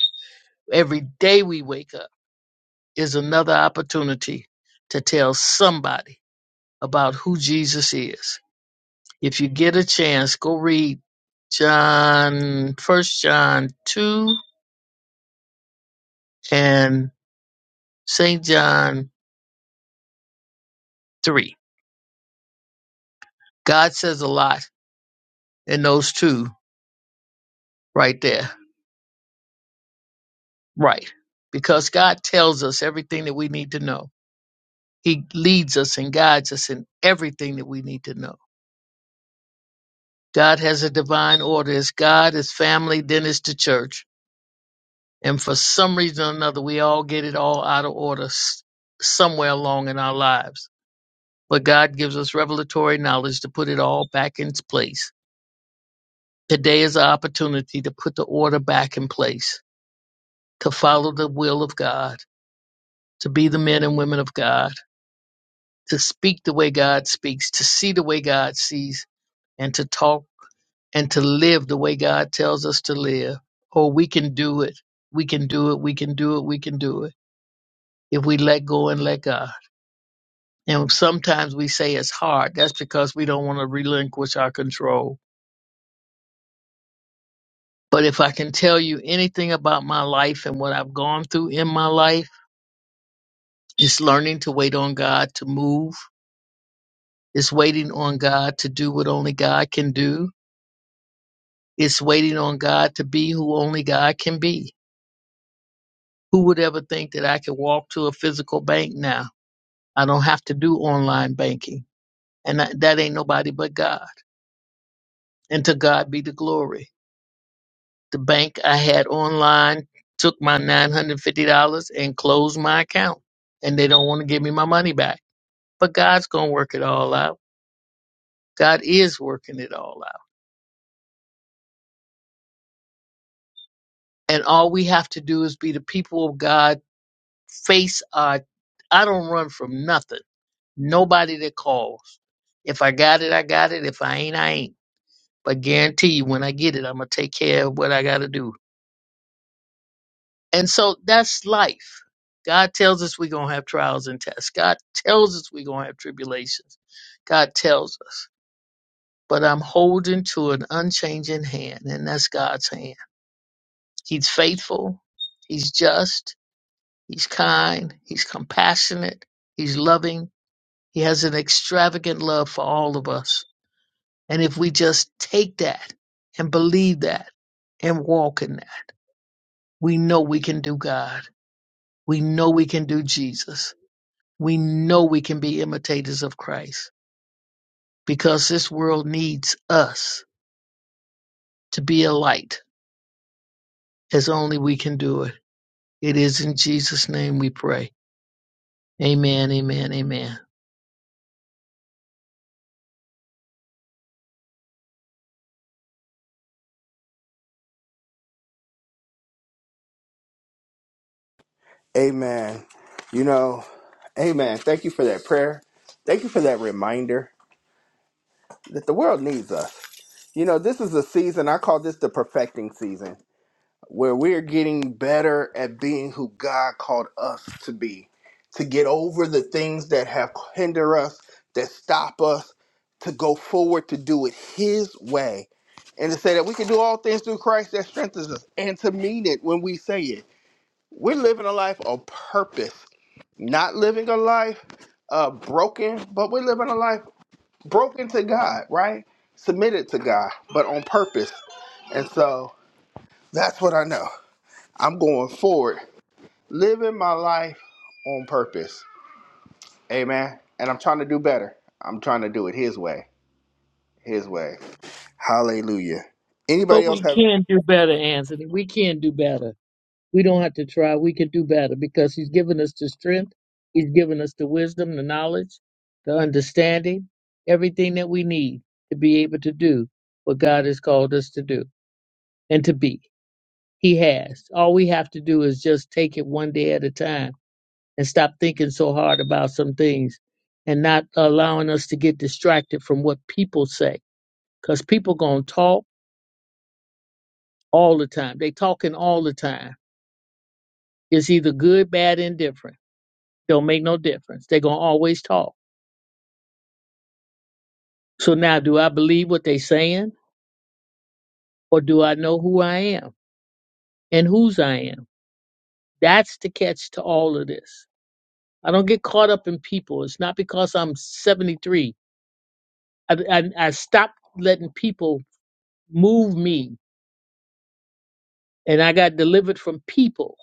Speaker 4: Every day we wake up is another opportunity to tell somebody about who Jesus is. If you get a chance, go read John, First John 2 and St. John 3. God says a lot in those two right there. Right. Because God tells us everything that we need to know. He leads us and guides us in everything that we need to know. God has a divine order. It's God, it's family, then it's the church. And for some reason or another, we all get it all out of order s- somewhere along in our lives. But God gives us revelatory knowledge to put it all back in its place. Today is an opportunity to put the order back in place, to follow the will of God, to be the men and women of God, to speak the way God speaks, to see the way God sees, and to talk and to live the way God tells us to live. Oh, we can do it. We can do it. We can do it. We can do it if we let go and let God. And sometimes we say it's hard. That's because we don't want to relinquish our control. But if I can tell you anything about my life and what I've gone through in my life, it's learning to wait on God to move. It's waiting on God to do what only God can do. It's waiting on God to be who only God can be. Who would ever think that I could walk to a physical bank now? I don't have to do online banking. And that, that ain't nobody but God. And to God be the glory. The bank I had online took my $950 and closed my account. And they don't want to give me my money back. But God's going to work it all out. God is working it all out. And all we have to do is be the people of God, face our, I don't run from nothing. Nobody that calls. If I got it, I got it. If I ain't, I ain't. But guarantee you, when I get it, I'm going to take care of what I got to do And so that's life. God tells us we're going to have trials and tests. God tells us we're going to have tribulations. God tells us. But I'm holding to an unchanging hand, and that's God's hand. He's faithful. He's just. He's kind. He's compassionate. He's loving. He has an extravagant love for all of us. And if we just take that and believe that and walk in that, we know we can do God. We know we can do Jesus we know we can be imitators of Christ because this world needs us to be a light as only we can do it. It is in Jesus' name we pray. Amen, amen, amen.
Speaker 1: Amen. You know, amen. Thank you for that prayer. Thank you for that reminder that the world needs us. You know, this is a season, I call this the perfecting season, where we're getting better at being who God called us to be, to get over the things that have hinder us, that stop us, to go forward, to do it His way, and to say that we can do all things through Christ that strengthens us, and to mean it when we say it we're living a life of purpose, not living a life uh, broken, but we're living a life broken to God, right? Submitted to God, but on purpose. And so that's what I know. I'm going forward, living my life on purpose. Amen. And I'm trying to do better. I'm trying to do it His way. His way. Hallelujah. Anybody
Speaker 4: But
Speaker 1: else
Speaker 4: we
Speaker 1: have?
Speaker 4: can do better, Anthony. We can do better. We don't have to try. We can do better because He's given us the strength, He's given us the wisdom, the knowledge, the understanding, everything that we need to be able to do what God has called us to do and to be. He has. All we have to do is just take it one day at a time and stop thinking so hard about some things and not allowing us to get distracted from what people say. Because people going to talk all the time. They talking all the time. It's either good, bad, indifferent. Don't make no difference. they going to always talk. So now, do I believe what they saying or do I know who I am and whose I am? That's the catch to all of this. I don't get caught up in people. It's not because I'm 73 I, I, I stopped letting people move me and I got delivered from people,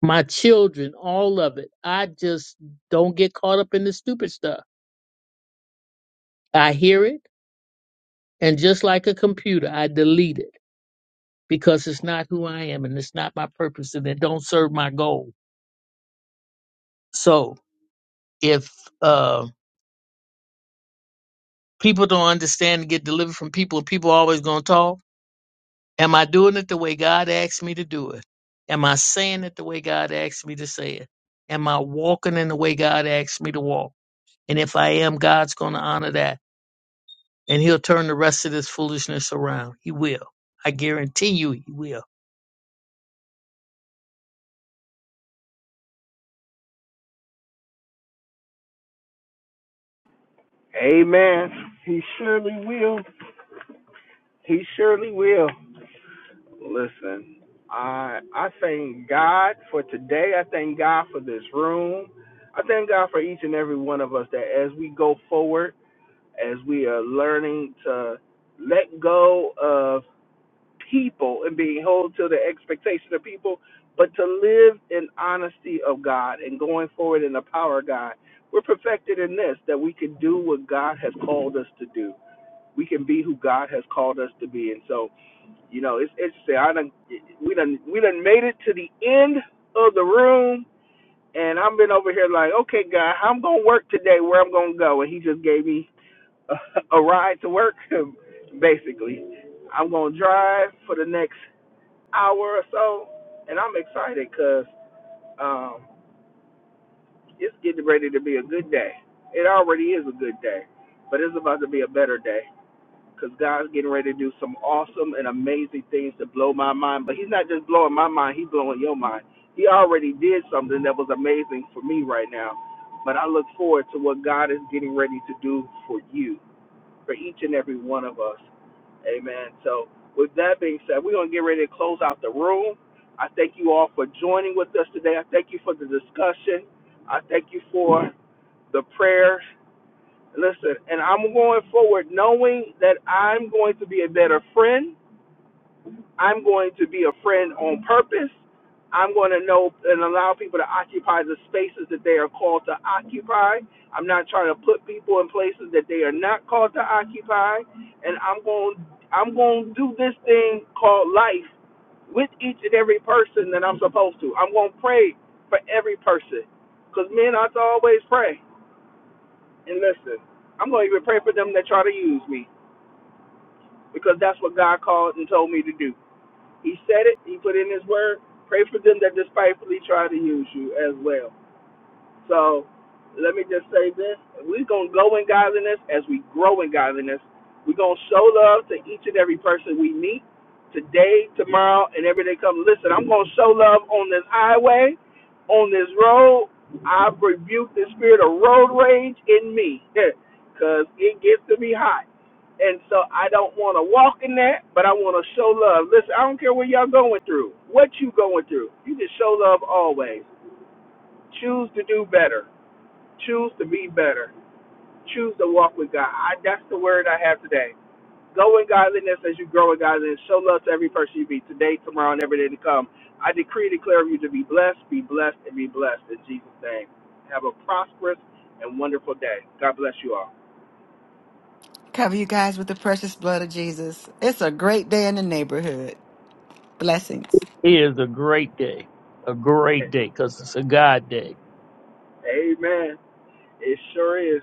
Speaker 4: my children, all of it. I just don't get caught up in the stupid stuff. I hear it, and just like a computer, I delete it because it's not who I am and it's not my purpose and it don't serve my goal. So if uh, people don't understand and get delivered from people, people always going to talk Am I doing it the way God asked me to do it? Am I saying it the way God asked me to say it? Am I walking in the way God asked me to walk? And if I am, God's going to honor that. And he'll turn the rest of this foolishness around. He will. I guarantee you he will.
Speaker 1: Amen. He surely will. He surely will. Listen, I I thank God for today. I thank God for this room. I thank God for each and every one of us that as we go forward, as we are learning to let go of people and being held to the expectation of people, but to live in honesty of God and going forward in the power of God. We're perfected in this that we can do what God has called us to do. We can be who God has called us to be. And so you know, it's interesting. I done we done we done made it to the end of the room, and I've been over here like, okay, God, I'm gonna work today. Where I'm gonna go? And He just gave me a, a ride to work. Basically, I'm gonna drive for the next hour or so, and I'm excited 'cause um, it's getting ready to be a good day. It already is a good day, but it's about to be a better day. because God's getting ready to do some awesome and amazing things to blow my mind. But He's not just blowing my mind; He's blowing your mind. He already did something that was amazing for me right now, but I look forward to what God is getting ready to do for you, for each and every one of us. Amen. So, with that being said, we're gonna get ready to close out the room. I thank you all for joining with us today. I thank you for the discussion. I thank you for the prayer Listen, and I'm going forward knowing that I'm going to be a better friend. I'm going to be a friend on purpose. I'm going to know and allow people to occupy the spaces that they are called to occupy. I'm not trying to put people in places that they are not called to occupy. And I'm going I'm going to do this thing called life with each and every person that I'm supposed to. I'm going to pray for every person. Because men ought to always pray. And listen, I'm going to even pray for them that try to use me because that's what God called and told me to do. He said it, He put in His word. Pray for them that despitefully try to use you as well. So let me just say this. We're going to go in godliness as we grow in godliness. We're going to show love to each and every person we meet today, tomorrow, and every day come. Listen, I'm going to show love on this highway, on this road. I've rebuked the spirit of road rage in me because it gets to be hot. And so I don't want to walk in that, but I want to show love. Listen, I don't care what y'all going through, what you going through. You can show love always. Choose to do better Choose to be better. Choose to walk with God. I, that's the word I have today. Go in godliness as you grow in godliness. Show love to every person you meet today, tomorrow, and every day to come. I decree and declare you to be blessed, be blessed, and be blessed in Jesus' name. Have a prosperous and wonderful day. God bless you all.
Speaker 3: Cover you guys with the precious blood of Jesus. It's a great day in the neighborhood. Blessings.
Speaker 4: It is a great day. A great day because it's a God day.
Speaker 1: Amen. It sure is.